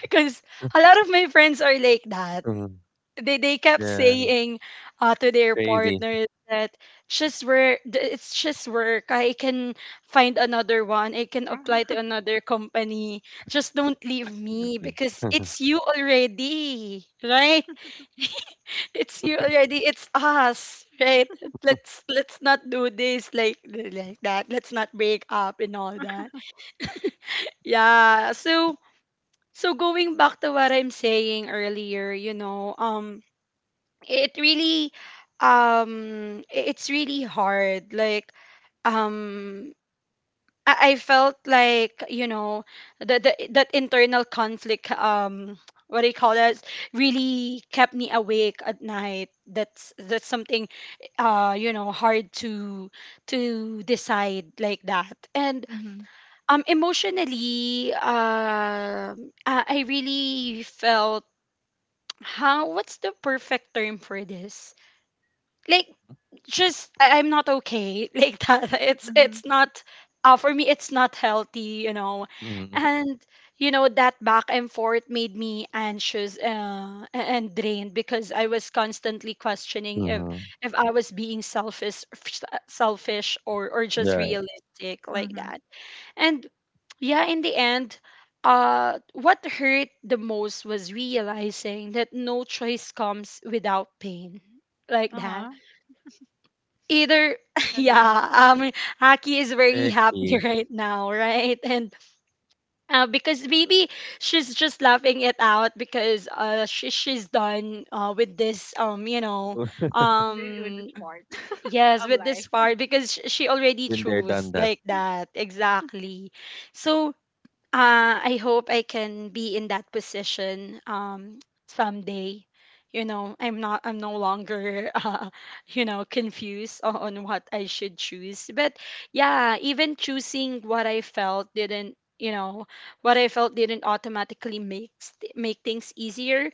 Speaker 1: Because a lot of my friends are like that.
Speaker 2: Mm,
Speaker 1: They kept
Speaker 2: yeah,
Speaker 1: saying, to their
Speaker 2: crazy.
Speaker 1: partners, that just work, it's just work, I can find another one, I can apply to
Speaker 3: Uh-huh.
Speaker 1: another company, just don't leave me because it's you already, right? It's you already, it's us, right? Let's not do this like that. Let's not break up and all that. Yeah, so so going back to what I'm saying earlier, you know, it really it's really hard, like, um I felt like, you know, the that internal conflict, what do you call that, really kept me awake at night. That's something, you know, hard to decide like that. And
Speaker 3: Mm-hmm.
Speaker 1: emotionally, I really felt, how, what's the perfect term for this, like, just I'm not okay like that.
Speaker 3: Mm-hmm.
Speaker 1: It's not, for me, it's not healthy, you know.
Speaker 2: Mm-hmm.
Speaker 1: And you know that back and forth made me anxious, and drained, because I was constantly questioning
Speaker 2: Mm-hmm.
Speaker 1: if I was being selfish, selfish, or just
Speaker 2: Right.
Speaker 1: realistic like
Speaker 3: Mm-hmm.
Speaker 1: that. And yeah, in the end. What hurt the most was realizing that no choice comes without pain, like that,
Speaker 3: Uh-huh.
Speaker 1: either.
Speaker 3: Agree.
Speaker 1: Yeah, Aki is
Speaker 2: I
Speaker 1: very happy
Speaker 2: agree.
Speaker 1: right now, right? And because maybe she's just laughing it out because she's done with this, you know,
Speaker 3: Th- With this
Speaker 1: um
Speaker 3: part
Speaker 1: yes,
Speaker 3: of
Speaker 1: with this
Speaker 3: life,
Speaker 1: part because she already
Speaker 2: Been there,
Speaker 1: chose
Speaker 2: done that.
Speaker 1: like that, exactly. So I hope I can be in that position, someday. You know, I'm not. I'm no longer, you know, confused on what I should choose. But yeah, even choosing what I felt didn't, you know, what I felt didn't automatically make make things easier.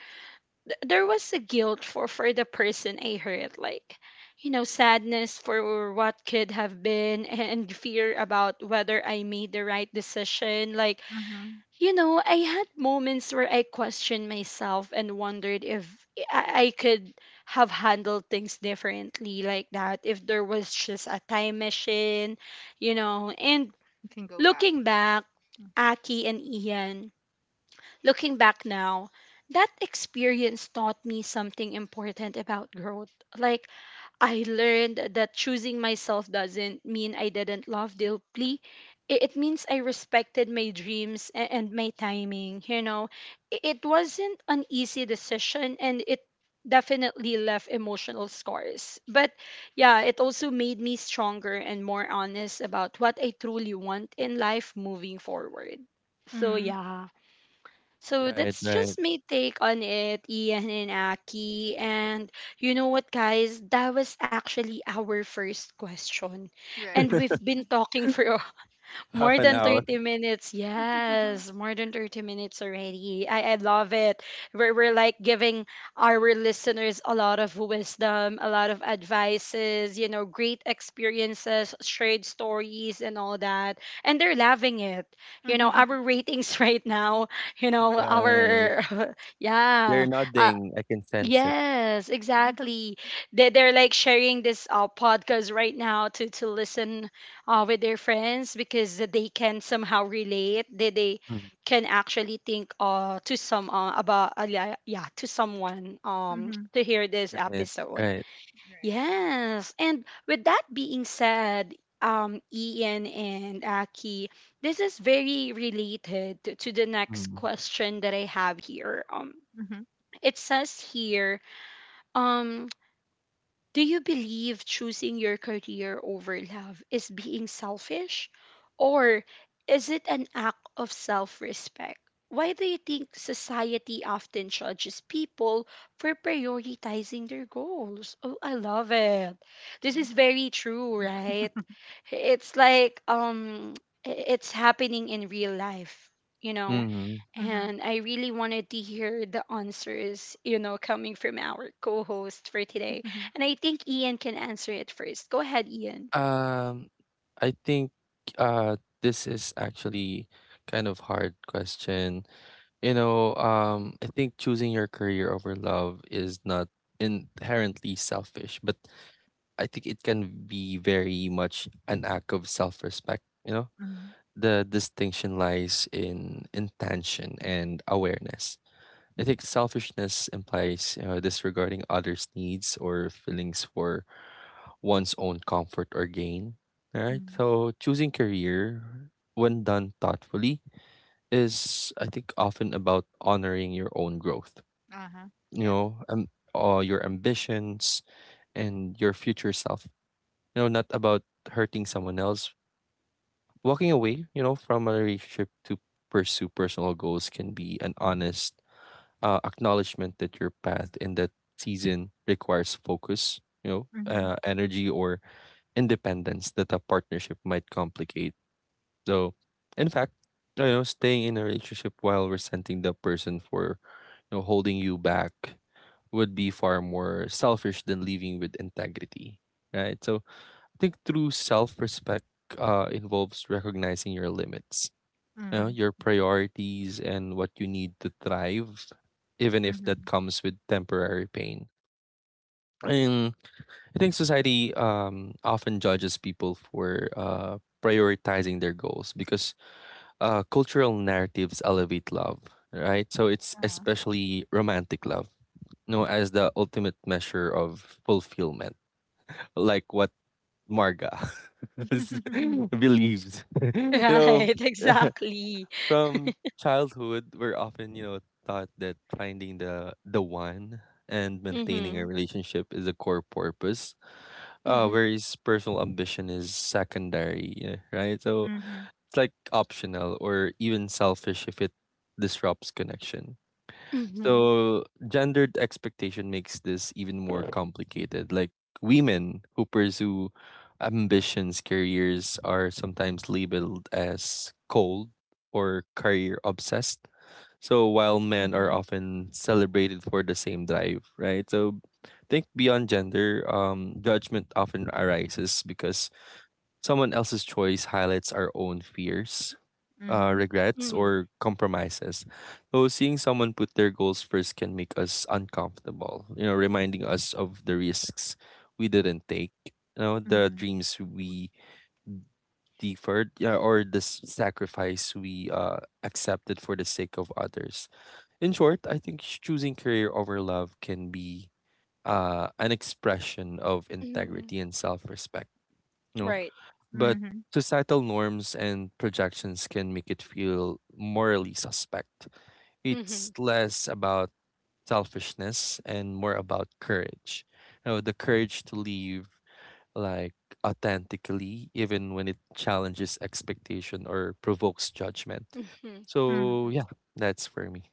Speaker 1: There was a guilt for the person I hurt, like, you know, sadness for what could have been, and fear about whether I made the right decision, like,
Speaker 3: Mm-hmm.
Speaker 1: you know. I had moments where I questioned myself and wondered if I I could have handled things differently like that, if there was just a time machine, you know. And
Speaker 3: you can go back.
Speaker 1: looking back, Aki and Ian, looking back now, that experience taught me something important about growth. Like, I learned that choosing myself doesn't mean I didn't love deeply. It means I respected my dreams and my timing. You know, it wasn't an easy decision, and it definitely left emotional scars. But yeah, it also made me stronger and more honest about what I truly want in life moving forward. So
Speaker 3: Mm-hmm.
Speaker 1: yeah. So
Speaker 2: Right,
Speaker 1: that's
Speaker 2: right.
Speaker 1: just my take on it, Ian and Aki. And you know what, guys? That was actually our first question.
Speaker 3: Right.
Speaker 1: And we've been talking for
Speaker 2: Half
Speaker 1: more
Speaker 2: an
Speaker 1: than
Speaker 2: hour.
Speaker 1: 30 minutes. Yes, more than 30 minutes already. I love it. We're like giving our listeners a lot of wisdom, a lot of advices, you know, great experiences, shared stories, and all that. And they're loving it. You know,
Speaker 3: Mm-hmm.
Speaker 1: our ratings right now, you know,
Speaker 2: Right.
Speaker 1: our,
Speaker 2: They're
Speaker 1: yeah, uh,
Speaker 2: nodding. I can sense it.
Speaker 1: yes, exactly. They're like sharing this, podcast right now to listen, with their friends, because they can somehow relate. They
Speaker 2: Mm.
Speaker 1: can actually think, to some, about, yeah, yeah, to someone,
Speaker 3: Mm-hmm.
Speaker 1: to hear this
Speaker 2: Right.
Speaker 1: episode.
Speaker 2: Right.
Speaker 1: Yes, and with that being said. Ian and Aki, this is very related to the next
Speaker 2: Mm.
Speaker 1: question that I have here.
Speaker 3: Right.
Speaker 1: It says here, um do you believe choosing your career over love is being selfish? Or is it an act of self respect? Why do you think society often judges people for prioritizing their goals? Oh, I love it. This is very true,
Speaker 3: Interesting.
Speaker 1: right? It's like, it's happening in real life, you know?
Speaker 3: Right.
Speaker 2: Hmm.
Speaker 3: Mhm.
Speaker 1: And I really wanted to hear the answers, you know, coming from our co host for today.
Speaker 3: Mhm.
Speaker 1: And I think Ian can answer it first. Go ahead, Ian.
Speaker 2: Um, I think uh this is actually kind of hard question. You know, I think choosing your career over love is not inherently selfish, but I think it can be very much an act of self-respect, you know?
Speaker 3: Mhm.
Speaker 2: The distinction lies in intention and awareness. I think selfishness implies disregarding others' needs or feelings for one's own comfort or gain. All right.
Speaker 3: Mhm.
Speaker 2: So choosing career when done thoughtfully is, I think, often about honoring your own growth.
Speaker 3: Uh-huh.
Speaker 2: You
Speaker 3: Yeah.
Speaker 2: know, your ambitions and your future self. You know, not about hurting someone else. Walking away, from a relationship to pursue personal goals can be an honest acknowledgement that your path in that season requires focus,
Speaker 3: Mhm.
Speaker 2: energy or independence that a partnership might complicate. So, in fact, staying in a relationship while resenting the person for, holding you back would be far more selfish than leaving with integrity, right? So, I think true self-respect involves recognizing your limits,
Speaker 3: Mhm.
Speaker 2: your
Speaker 3: Yeah.
Speaker 2: priorities and what you need to thrive, even if that
Speaker 3: Mhm.
Speaker 2: comes with temporary pain. And I think society often judges people for prioritizing their goals because cultural narratives elevate love, right? So it's
Speaker 3: Uh.
Speaker 2: especially romantic love, as the ultimate measure of fulfillment, like what Marga believes. you
Speaker 3: Mhm.
Speaker 2: know,
Speaker 1: Right, exactly.
Speaker 2: From childhood, we're often, taught that finding the one and maintaining
Speaker 1: Mm-hmm.
Speaker 2: a relationship is a core purpose,
Speaker 1: Mm-hmm.
Speaker 2: whereas personal ambition is secondary, yeah, right? So
Speaker 3: Mhm.
Speaker 2: it's like optional or even selfish if it disrupts connection.
Speaker 1: Mm-hmm.
Speaker 2: So gendered expectation makes this even more complicated. Like women who pursue ambitions, careers are sometimes labeled as cold or career obsessed, so while men are
Speaker 3: Mhm.
Speaker 2: often celebrated for the same drive, right? So think beyond gender, judgment often arises because someone else's choice highlights our own fears,
Speaker 3: Mhm.
Speaker 2: regrets,
Speaker 1: Mm-hmm.
Speaker 2: or compromises. So seeing someone put their goals first can make us uncomfortable, reminding us of the risks we didn't take, the
Speaker 3: Mhm.
Speaker 2: dreams we deferred, yeah, or the sacrifice we accepted for the sake of others. In short, I think choosing career over love can be an expression of
Speaker 1: Mm-hmm.
Speaker 2: integrity and self-respect, you know.
Speaker 1: Right.
Speaker 2: But
Speaker 3: Mhm.
Speaker 2: societal norms and projections can make it feel morally suspect. It's
Speaker 1: Mm-hmm.
Speaker 2: less about selfishness and more about courage. The courage to live, like, authentically, even when it challenges expectation or provokes judgment.
Speaker 1: Mm-hmm.
Speaker 3: Mhm.
Speaker 2: So
Speaker 3: Mhm.
Speaker 2: yeah, that's for me.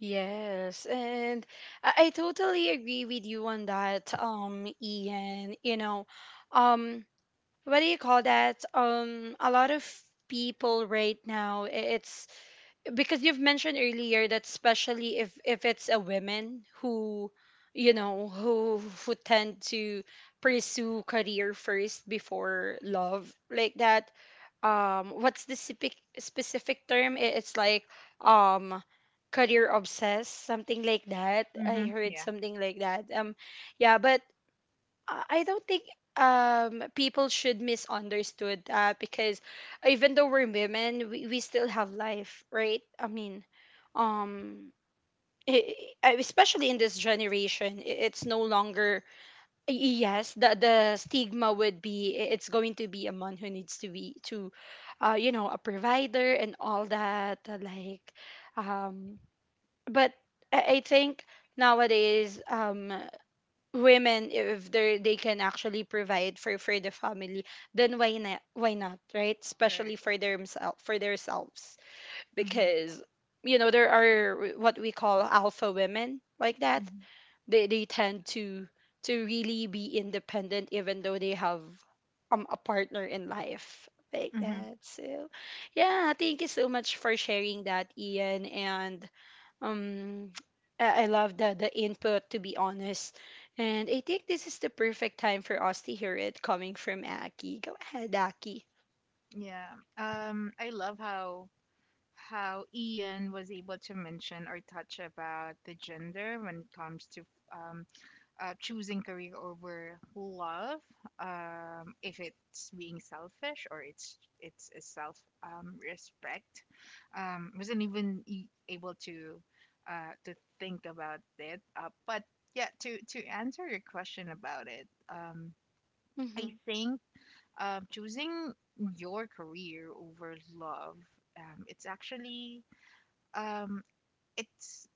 Speaker 1: Yes, and I totally agree with you on that, Ian. You know, um, what do you call that? A lot of people right now, it's because you've mentioned earlier that, especially if it's a woman who, you know, who tend to pursue career first before love like that, what's the specific specific term, it's like, um career obsessed, something like that. I
Speaker 3: Mhm.
Speaker 1: heard
Speaker 3: Yeah.
Speaker 1: something like that, yeah, but, I don't think, people should misunderstood, because even though we're women, we still have life, right? I mean, um i especially in this generation, it's no longer, yes, the stigma would be, it's going to be a man who needs to be to, you know, a provider and all that, like, um but I think nowadays, women, if they can actually provide for the family, then why not, why not, right? Especially
Speaker 3: Right.
Speaker 1: for themselves, for themselves.
Speaker 3: Mhm.
Speaker 1: Because you know, there are what we call alpha women, like that.
Speaker 3: Mhm.
Speaker 1: They tend to really be independent, even though they have a partner in life like
Speaker 3: Mhm.
Speaker 1: that. So yeah, thank you so much for sharing that, Ian. And um I love the input, to be honest. And I think this is the perfect time for us to hear it coming from Aki. Go ahead, Aki.
Speaker 3: Yeah. I love how Ian was able to mention or touch about the gender when it comes to um choosing career over love, if it's being selfish or it's a self respect. Wasn't even able to think about it, but yeah, to answer your question about it, I
Speaker 1: Mhm.
Speaker 3: think choosing your career over love, it's actually, um, it's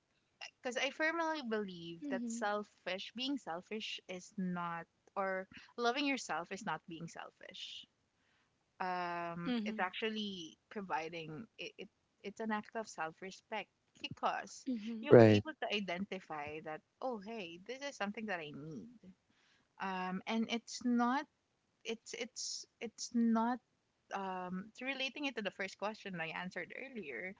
Speaker 3: because I firmly believe that
Speaker 1: Mhm.
Speaker 3: selfish, being selfish is not, or loving yourself is not being selfish. It's
Speaker 1: Mhm.
Speaker 3: actually providing it, it's an act of self-respect, because
Speaker 1: Mhm.
Speaker 3: you were
Speaker 2: Right,
Speaker 3: able to identify that, oh, hey, this is something that I need. And it's not, it's not, relating it to the first question I answered earlier,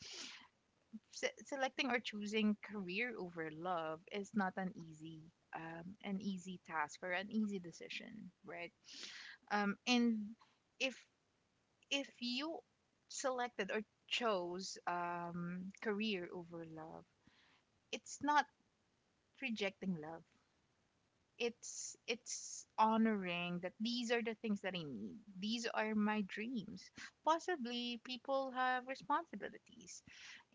Speaker 3: selecting or choosing career over love is not an easy an easy task or an easy decision, right? And if if you selected or chose, career over love, it's not rejecting love, it's honoring that these are the things that I need. These are my dreams. Possibly people have responsibilities,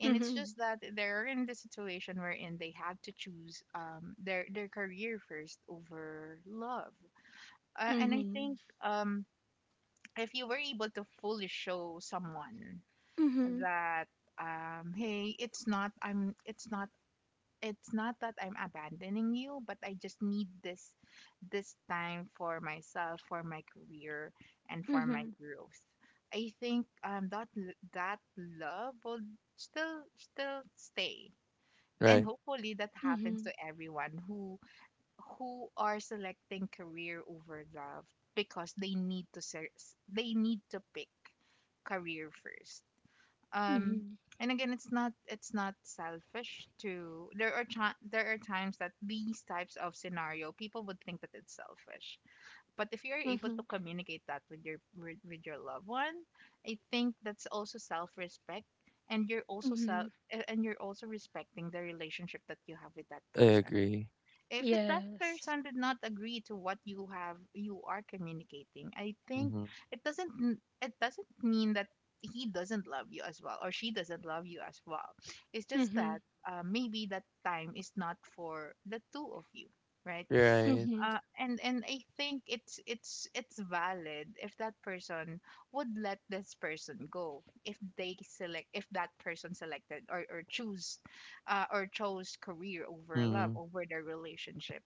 Speaker 3: and it's just that they're in the situation wherein they had to choose, their career first over love. And I
Speaker 1: Mhm.
Speaker 3: think if you were able to fully show someone
Speaker 1: Mhm.
Speaker 3: that, hey, it's not, I'm, it's not, it's not that I'm abandoning you, but I just need this, this time for myself, for my career, and for my
Speaker 1: Mhm.
Speaker 3: growth. I think that that love will still stay. And
Speaker 2: right.
Speaker 3: hopefully that happens
Speaker 1: Mhm.
Speaker 3: to everyone who are selecting career over love because they need to pick career first um
Speaker 1: Mhm.
Speaker 3: and again it's not selfish to. There are there are times that these types of scenario people would think that it's selfish, but if you're able to
Speaker 1: Mhm.
Speaker 3: communicate that with with your loved one, I think that's also self-respect. And you're also self
Speaker 1: Mhm.
Speaker 3: and you're also respecting the relationship that you have with that
Speaker 2: I
Speaker 3: person.
Speaker 2: agree.
Speaker 3: If that
Speaker 1: Yes.
Speaker 3: person did not agree to what you are communicating, I think
Speaker 2: Mm-hmm.
Speaker 3: it doesn't it doesn't mean that he doesn't love you as well, or she doesn't love you as well. It's just that
Speaker 1: Mhm.
Speaker 3: maybe that time is not for the two of you, right?
Speaker 2: Right.
Speaker 1: Mhm.
Speaker 3: And I think it's valid if that person would let this person go, if they select if that person selected or choose, or chose career over love,
Speaker 2: Mm-hmm.
Speaker 3: over their relationship.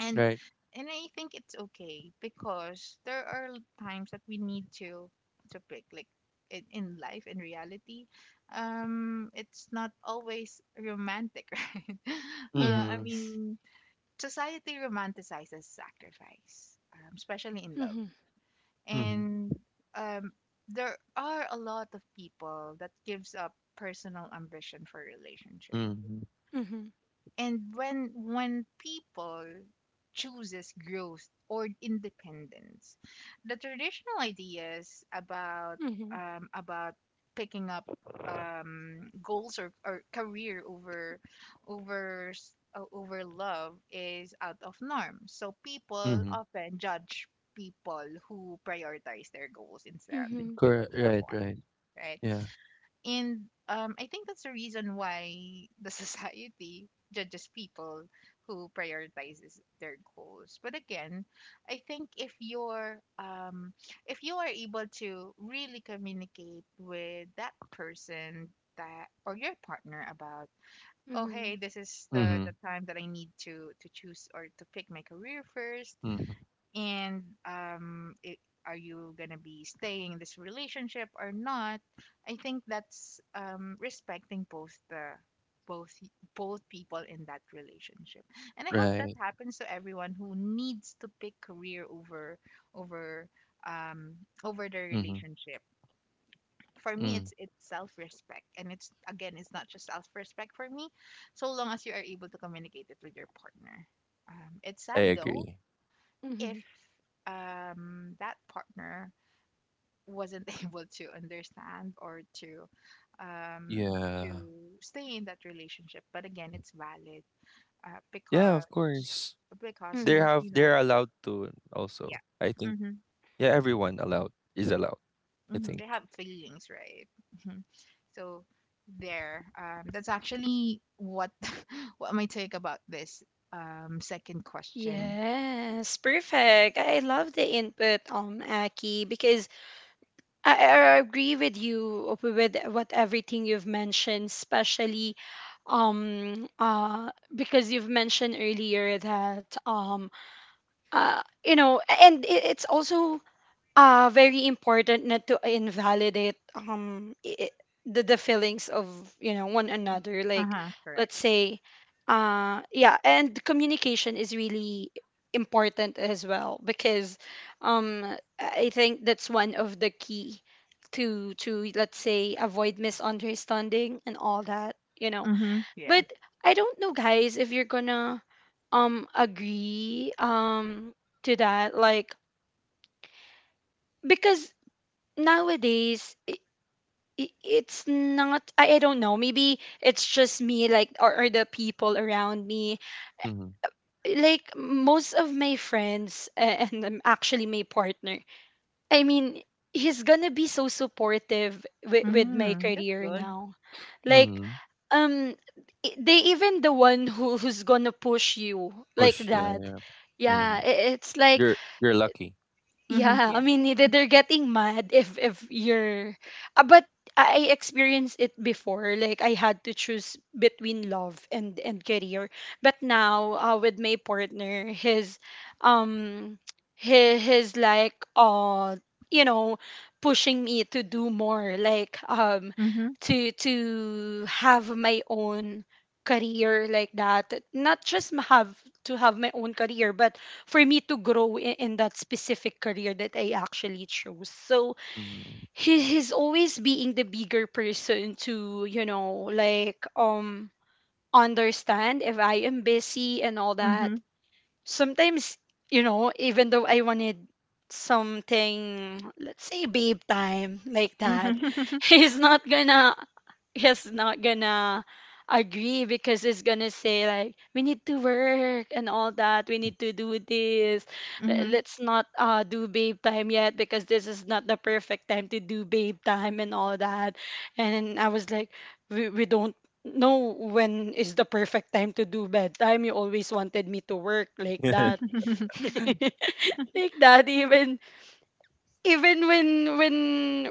Speaker 3: and
Speaker 2: Right.
Speaker 3: and I think it's okay, because there are times that we need to pick, like in life, in reality. It's not always romantic. Right? I
Speaker 2: Mm-hmm.
Speaker 1: Yes.
Speaker 3: mean, society romanticizes sacrifice, especially in love.
Speaker 1: Mhm.
Speaker 2: Mm-hmm.
Speaker 3: And um there are a lot of people that gives up personal ambition for relationship.
Speaker 2: Mm-hmm.
Speaker 1: Mhm.
Speaker 3: And when people chooses growth or independence, the traditional ideas
Speaker 1: Mhm.
Speaker 3: about picking up goals, or career over over love is out of norm, so people
Speaker 2: Mm-hmm.
Speaker 3: often judge people who prioritize their goals
Speaker 1: Mhm.
Speaker 3: instead of
Speaker 2: Correct.
Speaker 3: loved
Speaker 2: Right.
Speaker 3: ones,
Speaker 2: Right.
Speaker 3: right?
Speaker 2: Yeah.
Speaker 3: And I think that's the reason why the society judges people who prioritizes their goals. But again, I think if you're if you are able to really communicate with that person, that, or your partner about, oh hey,
Speaker 1: Mhm.
Speaker 3: this is the
Speaker 2: Mm-hmm.
Speaker 3: time that I need to choose or to pick my career first,
Speaker 2: Mm-hmm.
Speaker 3: and are you going to be staying in this relationship or not. I think that's respecting both the both y- both people in that relationship. And I hope that
Speaker 2: Right.
Speaker 3: happens to everyone who needs to pick career over over um over their
Speaker 2: Mm-hmm.
Speaker 3: relationship. For me,
Speaker 2: Mm.
Speaker 3: it's self-respect, and it's again, it's not just self-respect for me, so long as you are able to communicate it with your partner. It's
Speaker 2: I
Speaker 3: sad though
Speaker 2: agree.
Speaker 3: if
Speaker 1: Mhm.
Speaker 3: that partner wasn't able to understand or um, to
Speaker 2: Yeah.
Speaker 3: stay in that relationship. But again, it's valid, uh,
Speaker 2: Yeah. Of
Speaker 3: because
Speaker 2: course.
Speaker 3: because
Speaker 2: They
Speaker 1: Mhm.
Speaker 2: have.
Speaker 3: you know,
Speaker 2: They're allowed to.
Speaker 3: yeah,
Speaker 2: Also, I think.
Speaker 3: hmm
Speaker 2: Yeah. Everyone allowed is allowed. I
Speaker 3: hmm
Speaker 2: think.
Speaker 3: they have feelings, right? Hmm. So there, that's actually what what my take about this second question.
Speaker 1: Yes, perfect. I love the input, Aki, because I agree with you with what everything you've mentioned, especially, because you've mentioned earlier that, you know, and it's also, very important not to invalidate, the feelings of, you know, one another,
Speaker 3: Uh
Speaker 1: like,
Speaker 3: huh. Correct.
Speaker 1: let's say, yeah, and communication is really important as well, because um I think that's one of the key to, let's say, avoid misunderstanding and all that, you know.
Speaker 3: Mm-hmm. Yeah.
Speaker 1: But I don't know, guys, if you're gonna agree, to that, like, because nowadays, it's not, I, I don't know, maybe it's just me, like, or the people around me,
Speaker 2: Mm-hmm.
Speaker 1: like, most of my friends, and, actually my partner, I mean, he's gonna be so supportive with my
Speaker 3: Mm, that's
Speaker 1: career
Speaker 3: good.
Speaker 1: now, like,
Speaker 2: Mm-hmm.
Speaker 1: um they even the one who who's gonna push you like
Speaker 2: Push. Yeah.
Speaker 1: that,
Speaker 2: Yeah.
Speaker 1: yeah,
Speaker 2: Mm.
Speaker 1: it's like,
Speaker 2: You're. You're lucky.
Speaker 3: Mm-hmm.
Speaker 1: yeah. I
Speaker 3: Yeah.
Speaker 1: mean, either they're getting mad if you're, but I experienced it before, like, I had to choose between love and career. But now, with my partner, his, um his, like, you know, pushing me to do more, like,
Speaker 3: Mm-hmm.
Speaker 1: to have my own career like that, not just have to have my own career, but for me to grow in that specific career that I actually chose. So
Speaker 2: Mm-hmm.
Speaker 1: he's always being the bigger person to, you know, like, understand if I am busy and all that
Speaker 3: Mm-hmm.
Speaker 1: sometimes, you know, even though I wanted something, let's say babe time like that,
Speaker 3: Mhm.
Speaker 1: he's not gonna, he's not gonna agree, because he's gonna say like, we need to work and all that, we need to do this.
Speaker 3: Mhm.
Speaker 1: Let's not, do babe time yet, because this is not the perfect time to do babe time and all that. And I was like, we don't know when is the perfect time to do bedtime. You always wanted me to work like that. Like that, even even when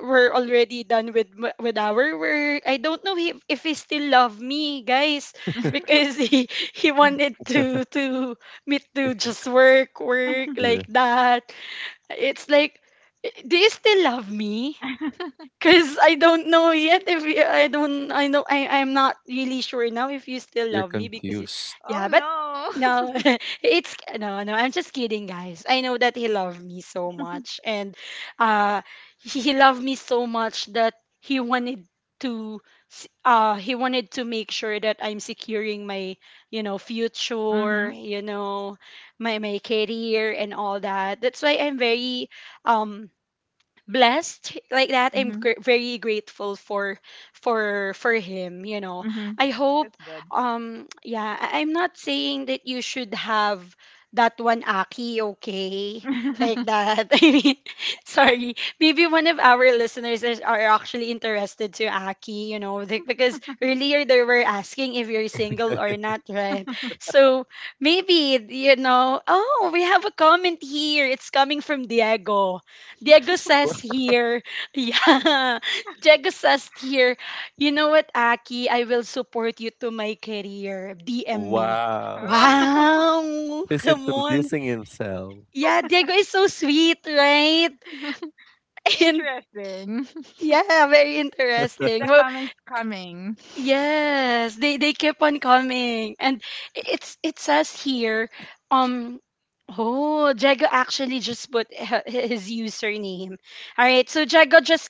Speaker 1: we're already done with with our work, I don't know if he still love me, guys, because he wanted to me to just work work like
Speaker 2: you're,
Speaker 1: that. It's like, do you still love me? Cause I don't know yet if you, I don't I know I I'm not really sure now if you still
Speaker 2: you're
Speaker 1: love me because
Speaker 2: confused.
Speaker 3: Oh
Speaker 1: yeah, but
Speaker 3: no.
Speaker 1: no, it's no no, I'm just kidding, guys. I know that he loved me so much. And uh he loved me so much that he wanted to he wanted to make sure that I'm securing my, you know, future,
Speaker 3: Mhm.
Speaker 1: my my career and all that. That's why I'm very um blessed like that.
Speaker 3: Mhm.
Speaker 1: Very grateful for him,
Speaker 3: Mhm.
Speaker 1: I
Speaker 3: That's
Speaker 1: hope.
Speaker 3: good.
Speaker 1: Yeah, I'm not saying that you should have that one, Aki, okay, like that. I mean, sorry, maybe one of our listeners is, are actually interested to Aki, like, because earlier they were asking if you're single or not, right? So maybe, you know, oh, we have a comment here. It's coming from Diego. Diego says here, yeah, Diego says here, you know what, Aki, I will support you to my career. DM me.
Speaker 2: Wow.
Speaker 3: Oh.
Speaker 1: Wow,
Speaker 2: He's
Speaker 1: come on.
Speaker 2: introducing himself.
Speaker 1: Yeah, Diego is so sweet, right? And
Speaker 3: Interesting.
Speaker 1: yeah, very
Speaker 3: Keep
Speaker 1: interesting.
Speaker 3: the
Speaker 1: Well,
Speaker 3: comments coming.
Speaker 1: yes, they keep on coming, and it's it says here, um, oh, Diego actually just put his username. All right, so Jago, just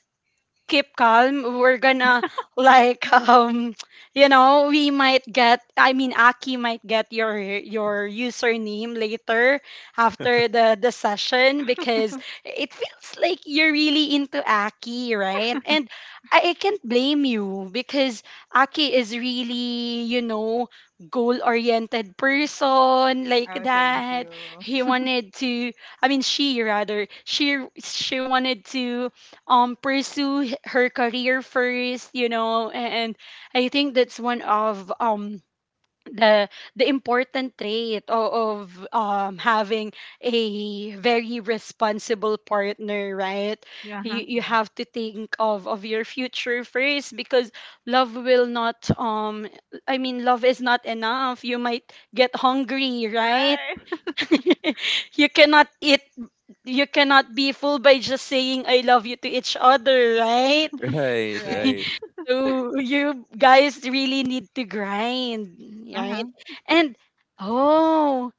Speaker 1: keep calm, we're gonna like you know, we might get, I mean Aki might get your username later after the session because it feels like you're really into Aki, right? And I can't blame you because Aki is really, you know, goal-oriented person like
Speaker 3: Oh, thank
Speaker 1: that.
Speaker 3: you.
Speaker 1: He wanted to, I mean she, rather, she wanted to pursue her career first, you know. And I think that's one of the the important trait of having a very responsible partner, right?
Speaker 3: Yeah. Huh.
Speaker 1: You
Speaker 3: Yeah.
Speaker 1: have to think of your future first because love will not, I mean, love is not enough, you might get hungry, right?
Speaker 3: Right.
Speaker 1: You cannot eat, you cannot be fooled by just saying I love you to each other, right?
Speaker 2: Right,
Speaker 3: Right.
Speaker 2: right.
Speaker 1: So you guys really need to grind, right?
Speaker 3: Uh-huh.
Speaker 1: And oh,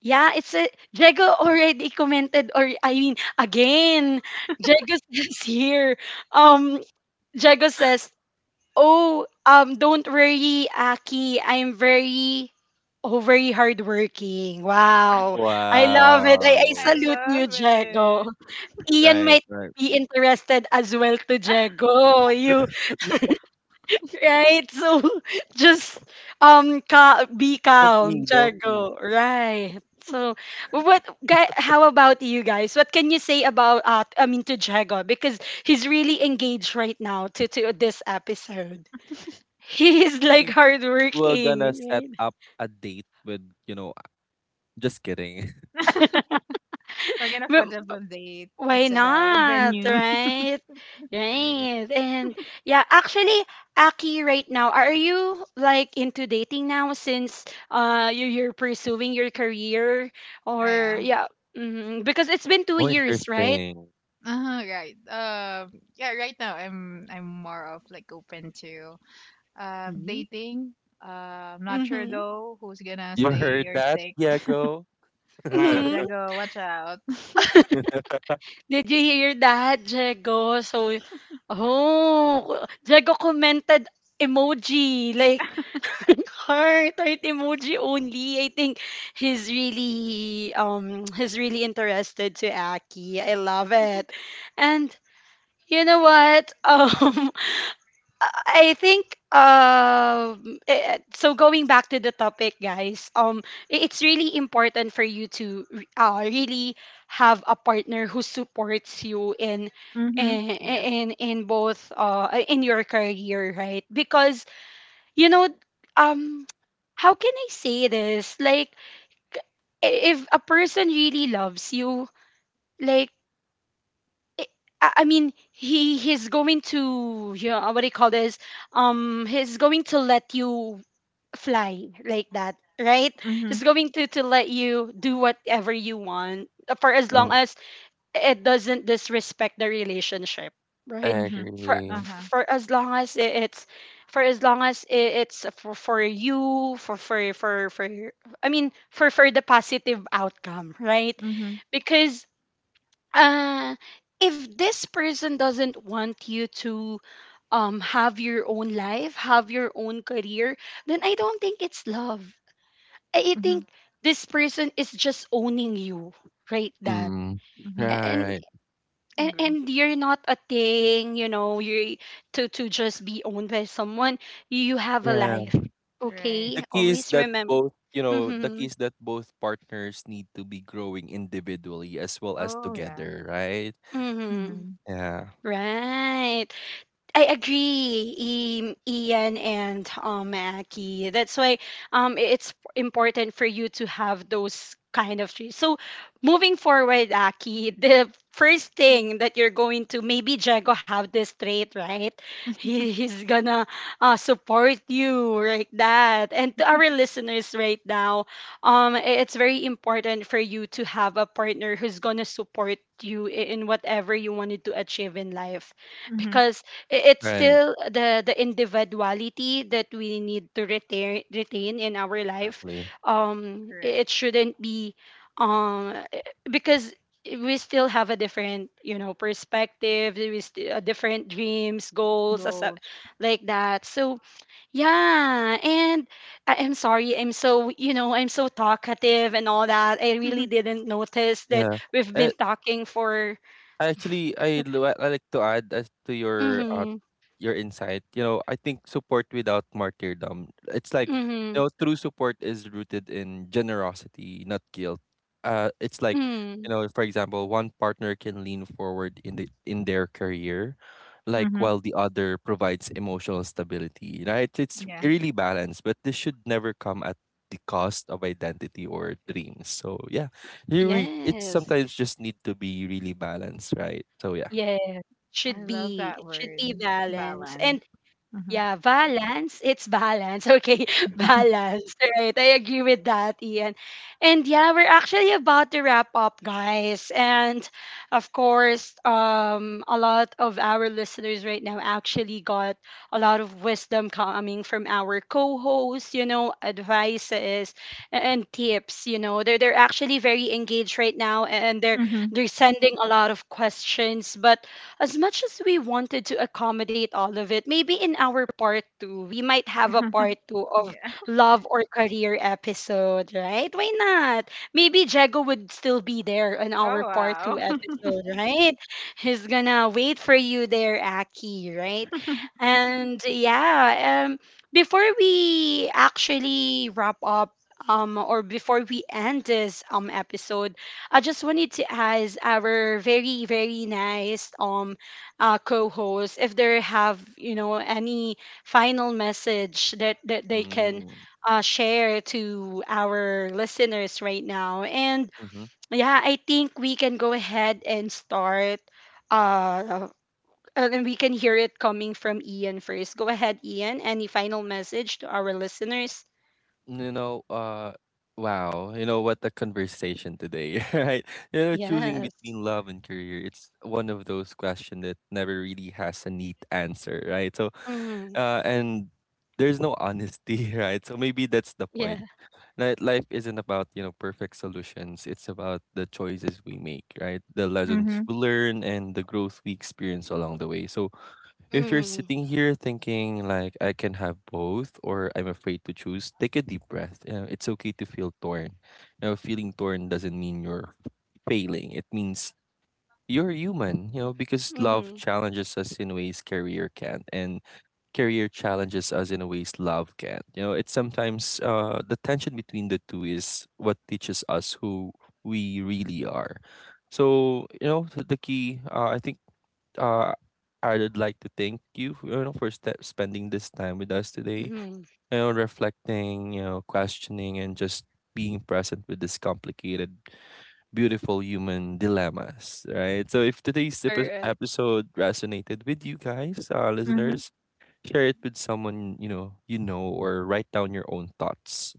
Speaker 1: yeah, it's a Jago already commented, or I mean again, Jago says here. Um Jago says, "Oh, don't worry, Aki. I'm very, oh, very hardworking." Wow. I love it. I
Speaker 3: I
Speaker 2: Wow.
Speaker 1: salute
Speaker 3: love
Speaker 1: you, Jago.
Speaker 3: it.
Speaker 1: Ian
Speaker 2: Right,
Speaker 1: might
Speaker 2: right.
Speaker 1: be interested as well to Jago. You, right? So just be
Speaker 2: Don't me,
Speaker 1: calm,
Speaker 2: don't me.
Speaker 1: Jago. Right. So what guy how about you guys? What can you say about I mean to Jago, because he's really engaged right now to this episode. He is
Speaker 2: I
Speaker 1: like
Speaker 2: think we're gonna set
Speaker 1: hardworking,
Speaker 2: up a date with, just kidding.
Speaker 3: We're gonna
Speaker 1: right?
Speaker 3: put up a date,
Speaker 1: Why
Speaker 3: etc. A
Speaker 1: not,
Speaker 3: venue.
Speaker 1: right?
Speaker 2: Right.
Speaker 1: Right. And yeah, actually, Aki, right now, are you like into dating now since you're pursuing your career,
Speaker 3: Ah,
Speaker 1: or
Speaker 3: yeah.
Speaker 1: yeah, hmm, because it's been two
Speaker 2: Oh,
Speaker 1: years, right?
Speaker 2: interesting.
Speaker 3: Uh-huh, right. Yeah. Right now, I'm more of like open to
Speaker 1: Mhm.
Speaker 3: dating. I'm not sure
Speaker 1: Mm-hmm.
Speaker 3: though who's gonna
Speaker 2: You
Speaker 3: stay
Speaker 2: heard
Speaker 3: or
Speaker 2: that,
Speaker 3: stick.
Speaker 2: Diego?
Speaker 3: So
Speaker 2: I
Speaker 1: Mm-hmm.
Speaker 3: Jago, watch out.
Speaker 1: Did you hear that, Jego? So, oh, Jego commented emoji, like heart, heart emoji only. I think he's really interested to Aki. I love it. And you know what? I think so going back to the topic, guys, it's really important for you to really have a partner who supports you in
Speaker 3: Mhm.
Speaker 1: in
Speaker 3: Yeah.
Speaker 1: in, in both in your career, right? Because you know, um how can I say this, like if a person really loves you, like I mean, he he's going to, you know, what do you call this? He's going to let you fly like that, right?
Speaker 3: Mhm.
Speaker 1: He's going to let you do whatever you want, for as long as it doesn't disrespect the relationship,
Speaker 2: I
Speaker 1: right?
Speaker 3: Mhm.
Speaker 1: For
Speaker 3: Uh
Speaker 2: agree.
Speaker 3: huh.
Speaker 1: for as long as I- it's for as long as it's for you for for, I mean for the positive outcome, right?
Speaker 3: Mhm.
Speaker 1: Because uh, if this person doesn't want you to have your own life, have your own career, then I don't think it's love. I
Speaker 3: Mhm.
Speaker 1: think this person is just owning you, right? That
Speaker 2: Mm. Yeah,
Speaker 3: Mhm.
Speaker 1: and
Speaker 2: right.
Speaker 1: and,
Speaker 3: Agree.
Speaker 1: and you're not a thing, you know, you to just be owned by someone. You have a
Speaker 2: Yeah.
Speaker 1: life.
Speaker 3: Right.
Speaker 2: the
Speaker 1: Okay?
Speaker 2: key is
Speaker 1: Always
Speaker 2: that
Speaker 1: remember.
Speaker 2: both you know the key
Speaker 1: Mm-hmm.
Speaker 2: is that both partners need to be growing individually as well as
Speaker 3: Oh yeah.
Speaker 2: together, right?
Speaker 1: Mm-hmm.
Speaker 3: Mhm.
Speaker 2: Yeah,
Speaker 1: Right. I agree, Ian and Aki. That's why it's important for you to have those kind of trees. So, moving forward, Aki, the first thing that you're going to, maybe Jago have this trait, right? He's gonna support you like that. And to our listeners right now, it's very important for you to have a partner who's gonna support you in whatever you wanted to achieve in life,
Speaker 3: Mhm.
Speaker 1: because it's
Speaker 2: right,
Speaker 1: still the individuality that we need to retain in our life.
Speaker 2: exactly,
Speaker 3: Correct.
Speaker 1: It shouldn't be um eh, because we still have a different, you know, perspective, we still, different dreams, goals, as
Speaker 3: Goals.
Speaker 1: like that. So yeah. And I'm sorry, I'm so, you know, I'm so talkative and all that, I really didn't notice that
Speaker 2: yeah.
Speaker 1: we've been
Speaker 2: I,
Speaker 1: talking for
Speaker 2: actually, I like to add as to your
Speaker 1: mm-hmm,
Speaker 2: insight. You know, I think support without martyrdom. It's like,
Speaker 1: mm-hmm,
Speaker 2: true support is rooted in generosity, not guilt. It's like,
Speaker 1: mm,
Speaker 2: for example, one partner can lean forward in their career, like
Speaker 3: Mhm.
Speaker 2: while the other provides emotional stability. Right? It's
Speaker 3: Yeah.
Speaker 2: really balanced, but this should never come at the cost of identity or dreams. So yeah, it
Speaker 1: yes.
Speaker 2: sometimes just need to be really balanced, right? So yeah.
Speaker 1: Yeah, it
Speaker 3: I
Speaker 1: should
Speaker 3: love that
Speaker 1: be, it should
Speaker 3: word.
Speaker 1: be balance.
Speaker 3: Balance.
Speaker 1: And
Speaker 3: Mhm.
Speaker 1: yeah, balance, it's balance. Okay, balance, right? I agree with that, Ian. And yeah, we're actually about to wrap up, guys. And of course, a lot of our listeners right now actually got a lot of wisdom coming from our co-hosts, you know, advices and tips, you know. They're actually very engaged right now and they're
Speaker 3: Mhm.
Speaker 1: they're sending a lot of questions, but as much as we wanted to accommodate all of it, maybe in our part two, we might have a part two of
Speaker 3: Yeah.
Speaker 1: love or career episode, right? Why not? Maybe Jago would still be there on
Speaker 3: Oh
Speaker 1: our part
Speaker 3: wow.
Speaker 1: two episode, right? He's gonna wait for you there, Aki, right? And yeah, before we actually wrap up, or before we end this episode, I just wanted to ask our very very nice co-host if they have, you know, any final message that that they can
Speaker 2: Mm-hmm.
Speaker 1: share to our listeners right now. And yeah, I think we can go ahead and start. Uh, uh, and then we can hear it coming from Ian first. Go ahead, Ian. Any final message to our listeners?
Speaker 2: You know, uh, wow, you know what a conversation today, right? Choosing
Speaker 1: Yes.
Speaker 2: between love and career, it's one of those questions that never really has a neat answer, right? So,
Speaker 1: Hmm.
Speaker 2: and there's no honesty, right? So maybe that's the
Speaker 1: Yeah.
Speaker 2: point. Right? Life isn't about, perfect solutions. It's about the choices we make, right? The lessons
Speaker 3: Mhm.
Speaker 2: we learn and the growth we experience along the way. So if you're
Speaker 1: Mm-hmm.
Speaker 2: sitting here thinking like I can have both or I'm afraid to choose, take a deep breath. It's okay to feel torn. Feeling torn doesn't mean you're failing. It means you're human, because love
Speaker 1: Mm-hmm.
Speaker 2: challenges us in ways career can't, and career challenges us in ways love can't. It's sometimes, the tension between the two is what teaches us who we really are. So, the key, I think, uh, I would like to thank you for spending this time with us today.
Speaker 1: Mm-hmm.
Speaker 2: Reflecting, questioning, and just being present with this complicated, beautiful human dilemmas, right? So, if today's episode resonated with you guys,
Speaker 3: Mhm.
Speaker 2: listeners, share it with someone you know, or write down your own thoughts.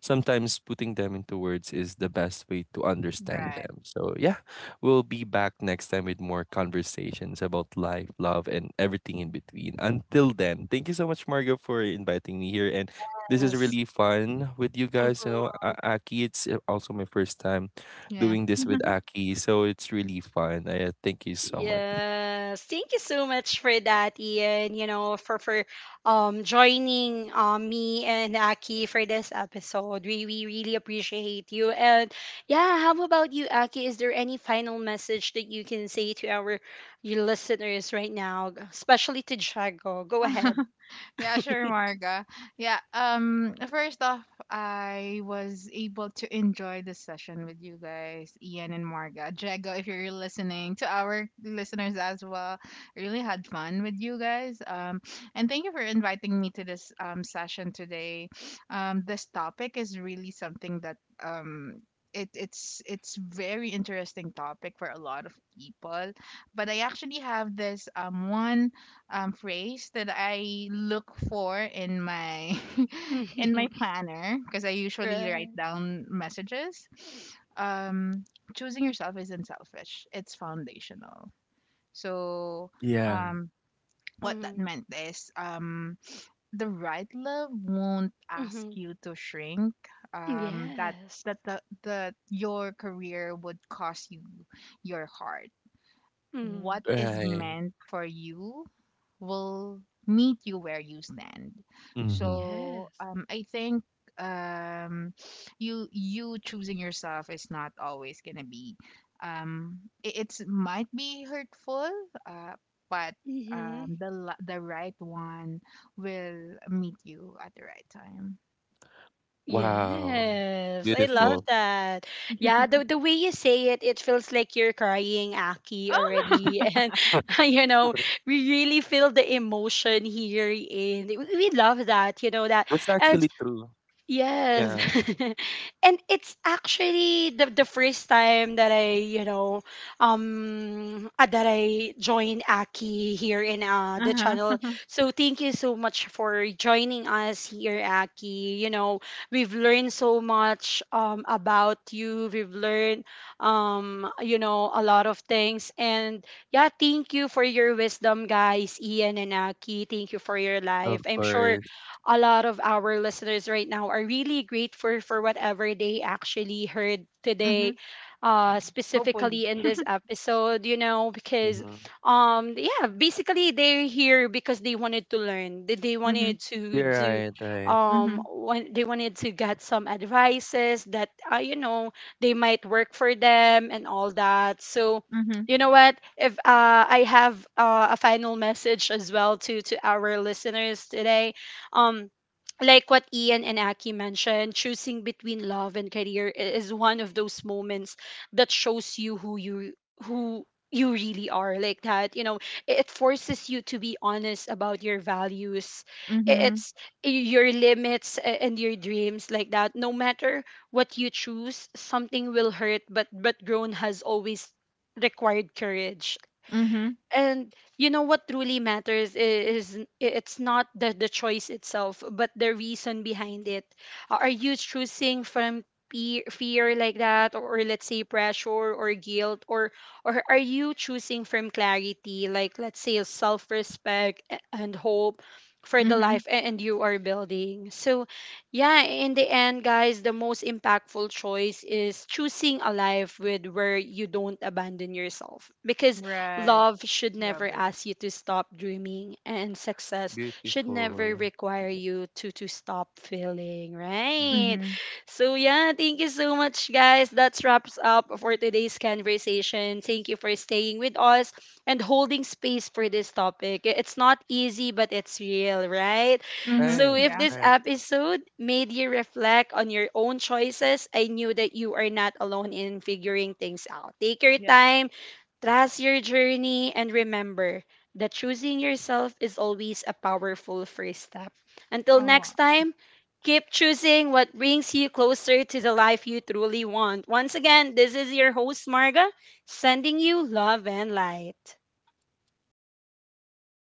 Speaker 2: Sometimes putting them into words is the best way to understand
Speaker 3: Right.
Speaker 2: them. So, yeah, we'll be back next time with more conversations about life, love, and everything in between. Until then, thank you so much, Margo, for inviting me here. And this is
Speaker 1: Yes.
Speaker 2: really fun with you guys. You know,
Speaker 1: Mhm.
Speaker 2: Aki, it's also my first time
Speaker 3: Yeah.
Speaker 2: doing this with Aki. So, it's really fun. I thank you so much.
Speaker 1: Yes. Thank you so much for that, Ian. You know, for joining me and Aki for this episode. We really appreciate you. And yeah, how about you, Aki? Is there any final message that you can say to our your listeners right now, especially to Jago? Go ahead.
Speaker 3: Yeah, sure, Marga. Yeah, first off, I was able to enjoy this session with you guys, Ian and Marga. Jago, if you're listening, to our listeners as well, I really had fun with you guys. And thank you for inviting me to this session today. This topic is really something that um, it's very interesting topic for a lot of people, but I actually have this one phrase that I look for in my in my
Speaker 1: Mhm.
Speaker 3: planner, because I usually write
Speaker 1: Right.
Speaker 3: down messages. Um Choosing yourself isn't selfish. It's foundational. So
Speaker 2: Yeah,
Speaker 3: um what that
Speaker 1: Mm-hmm.
Speaker 3: meant is, the right love won't ask
Speaker 1: Mm-hmm.
Speaker 3: you to shrink. That
Speaker 1: Yes.
Speaker 3: that the your career would cost you your heart.
Speaker 1: Mm.
Speaker 3: What is
Speaker 2: right.
Speaker 3: meant for you will meet you where you stand.
Speaker 2: Mm-hmm.
Speaker 3: So
Speaker 1: Yes.
Speaker 3: I think um, you choosing yourself is not always gonna be. It's might be hurtful, uh, but
Speaker 1: Mm-hmm.
Speaker 3: the right one will meet you at the right time.
Speaker 2: Wow.
Speaker 1: Yes, I
Speaker 3: Mhm.
Speaker 1: love
Speaker 2: Beautiful.
Speaker 1: that. Yeah, the way you say it, it feels like you're crying, Aki,
Speaker 3: Oh.
Speaker 1: already. And you know, we really feel the emotion here in we love that, you know that.
Speaker 2: That's
Speaker 1: And
Speaker 2: actually true.
Speaker 1: yes.
Speaker 2: Yeah,
Speaker 1: And it's actually the first time that you know, that I joined Aki here in the
Speaker 3: Uh-huh.
Speaker 1: channel. So thank you so much for joining us here, Aki. You know, we've learned so much about you. We've learned you know a lot of things. And yeah, thank you for your wisdom, guys, Ian and Aki. Thank you for your
Speaker 2: of
Speaker 1: life. I'm sure
Speaker 2: course.
Speaker 1: a lot of our listeners right now are really grateful for whatever they actually heard today,
Speaker 3: Mm-hmm. Hopefully.
Speaker 1: specifically in this episode, you know, because
Speaker 2: Mhm.
Speaker 1: yeah, basically they're here because they wanted to learn. They
Speaker 3: Mm-hmm.
Speaker 1: wanted to
Speaker 2: You're
Speaker 1: do
Speaker 2: right, right.
Speaker 3: Mm-hmm.
Speaker 1: when they wanted to get some advices that, you know, they might work for them and all that. So
Speaker 3: Mm-hmm.
Speaker 1: you know what, if I have a final message as well to our listeners today. um like what Ian and Aki mentioned, choosing between love and career is one of those moments that shows you who you, who you really are like that, you know. It forces you to be honest about your values, I-
Speaker 3: Mm-hmm.
Speaker 1: it's your limits and your dreams like that. No matter what you choose, something will hurt, but grown has always required courage.
Speaker 3: Mm-hmm.
Speaker 1: And you know what truly matters is, it's not the, the choice itself but the reason behind it. Are you choosing from fear like that, or let's say pressure or guilt, or are you choosing from clarity, like let's say self-respect and hope for the
Speaker 3: Mm-hmm.
Speaker 1: life and you are building. So yeah, in the end, guys, the most impactful choice is choosing a life with where you don't abandon yourself, because
Speaker 3: Right.
Speaker 1: love should never
Speaker 3: Love it.
Speaker 1: ask you to stop dreaming, and success should never
Speaker 2: Beautiful.
Speaker 1: require you to stop feeling,
Speaker 2: Mm.
Speaker 1: right?
Speaker 3: Mm-hmm.
Speaker 1: So yeah, thank you so much, guys. That wraps up for today's conversation. Thank you for staying with us and holding space for this topic. It's not easy, but it's real, right?
Speaker 3: Mhm.
Speaker 1: So
Speaker 2: Right,
Speaker 1: if
Speaker 3: Yeah.
Speaker 1: this
Speaker 2: right.
Speaker 1: episode made you reflect on your own choices, I knew that you are not alone in figuring things out. Take your
Speaker 3: Yeah.
Speaker 1: time. Trust your journey and remember that choosing yourself is always a powerful first step. Until next
Speaker 3: Oh,
Speaker 1: time, keep choosing what brings you closer to the life you truly want. Once again, this is your host, Marga, sending you love and light.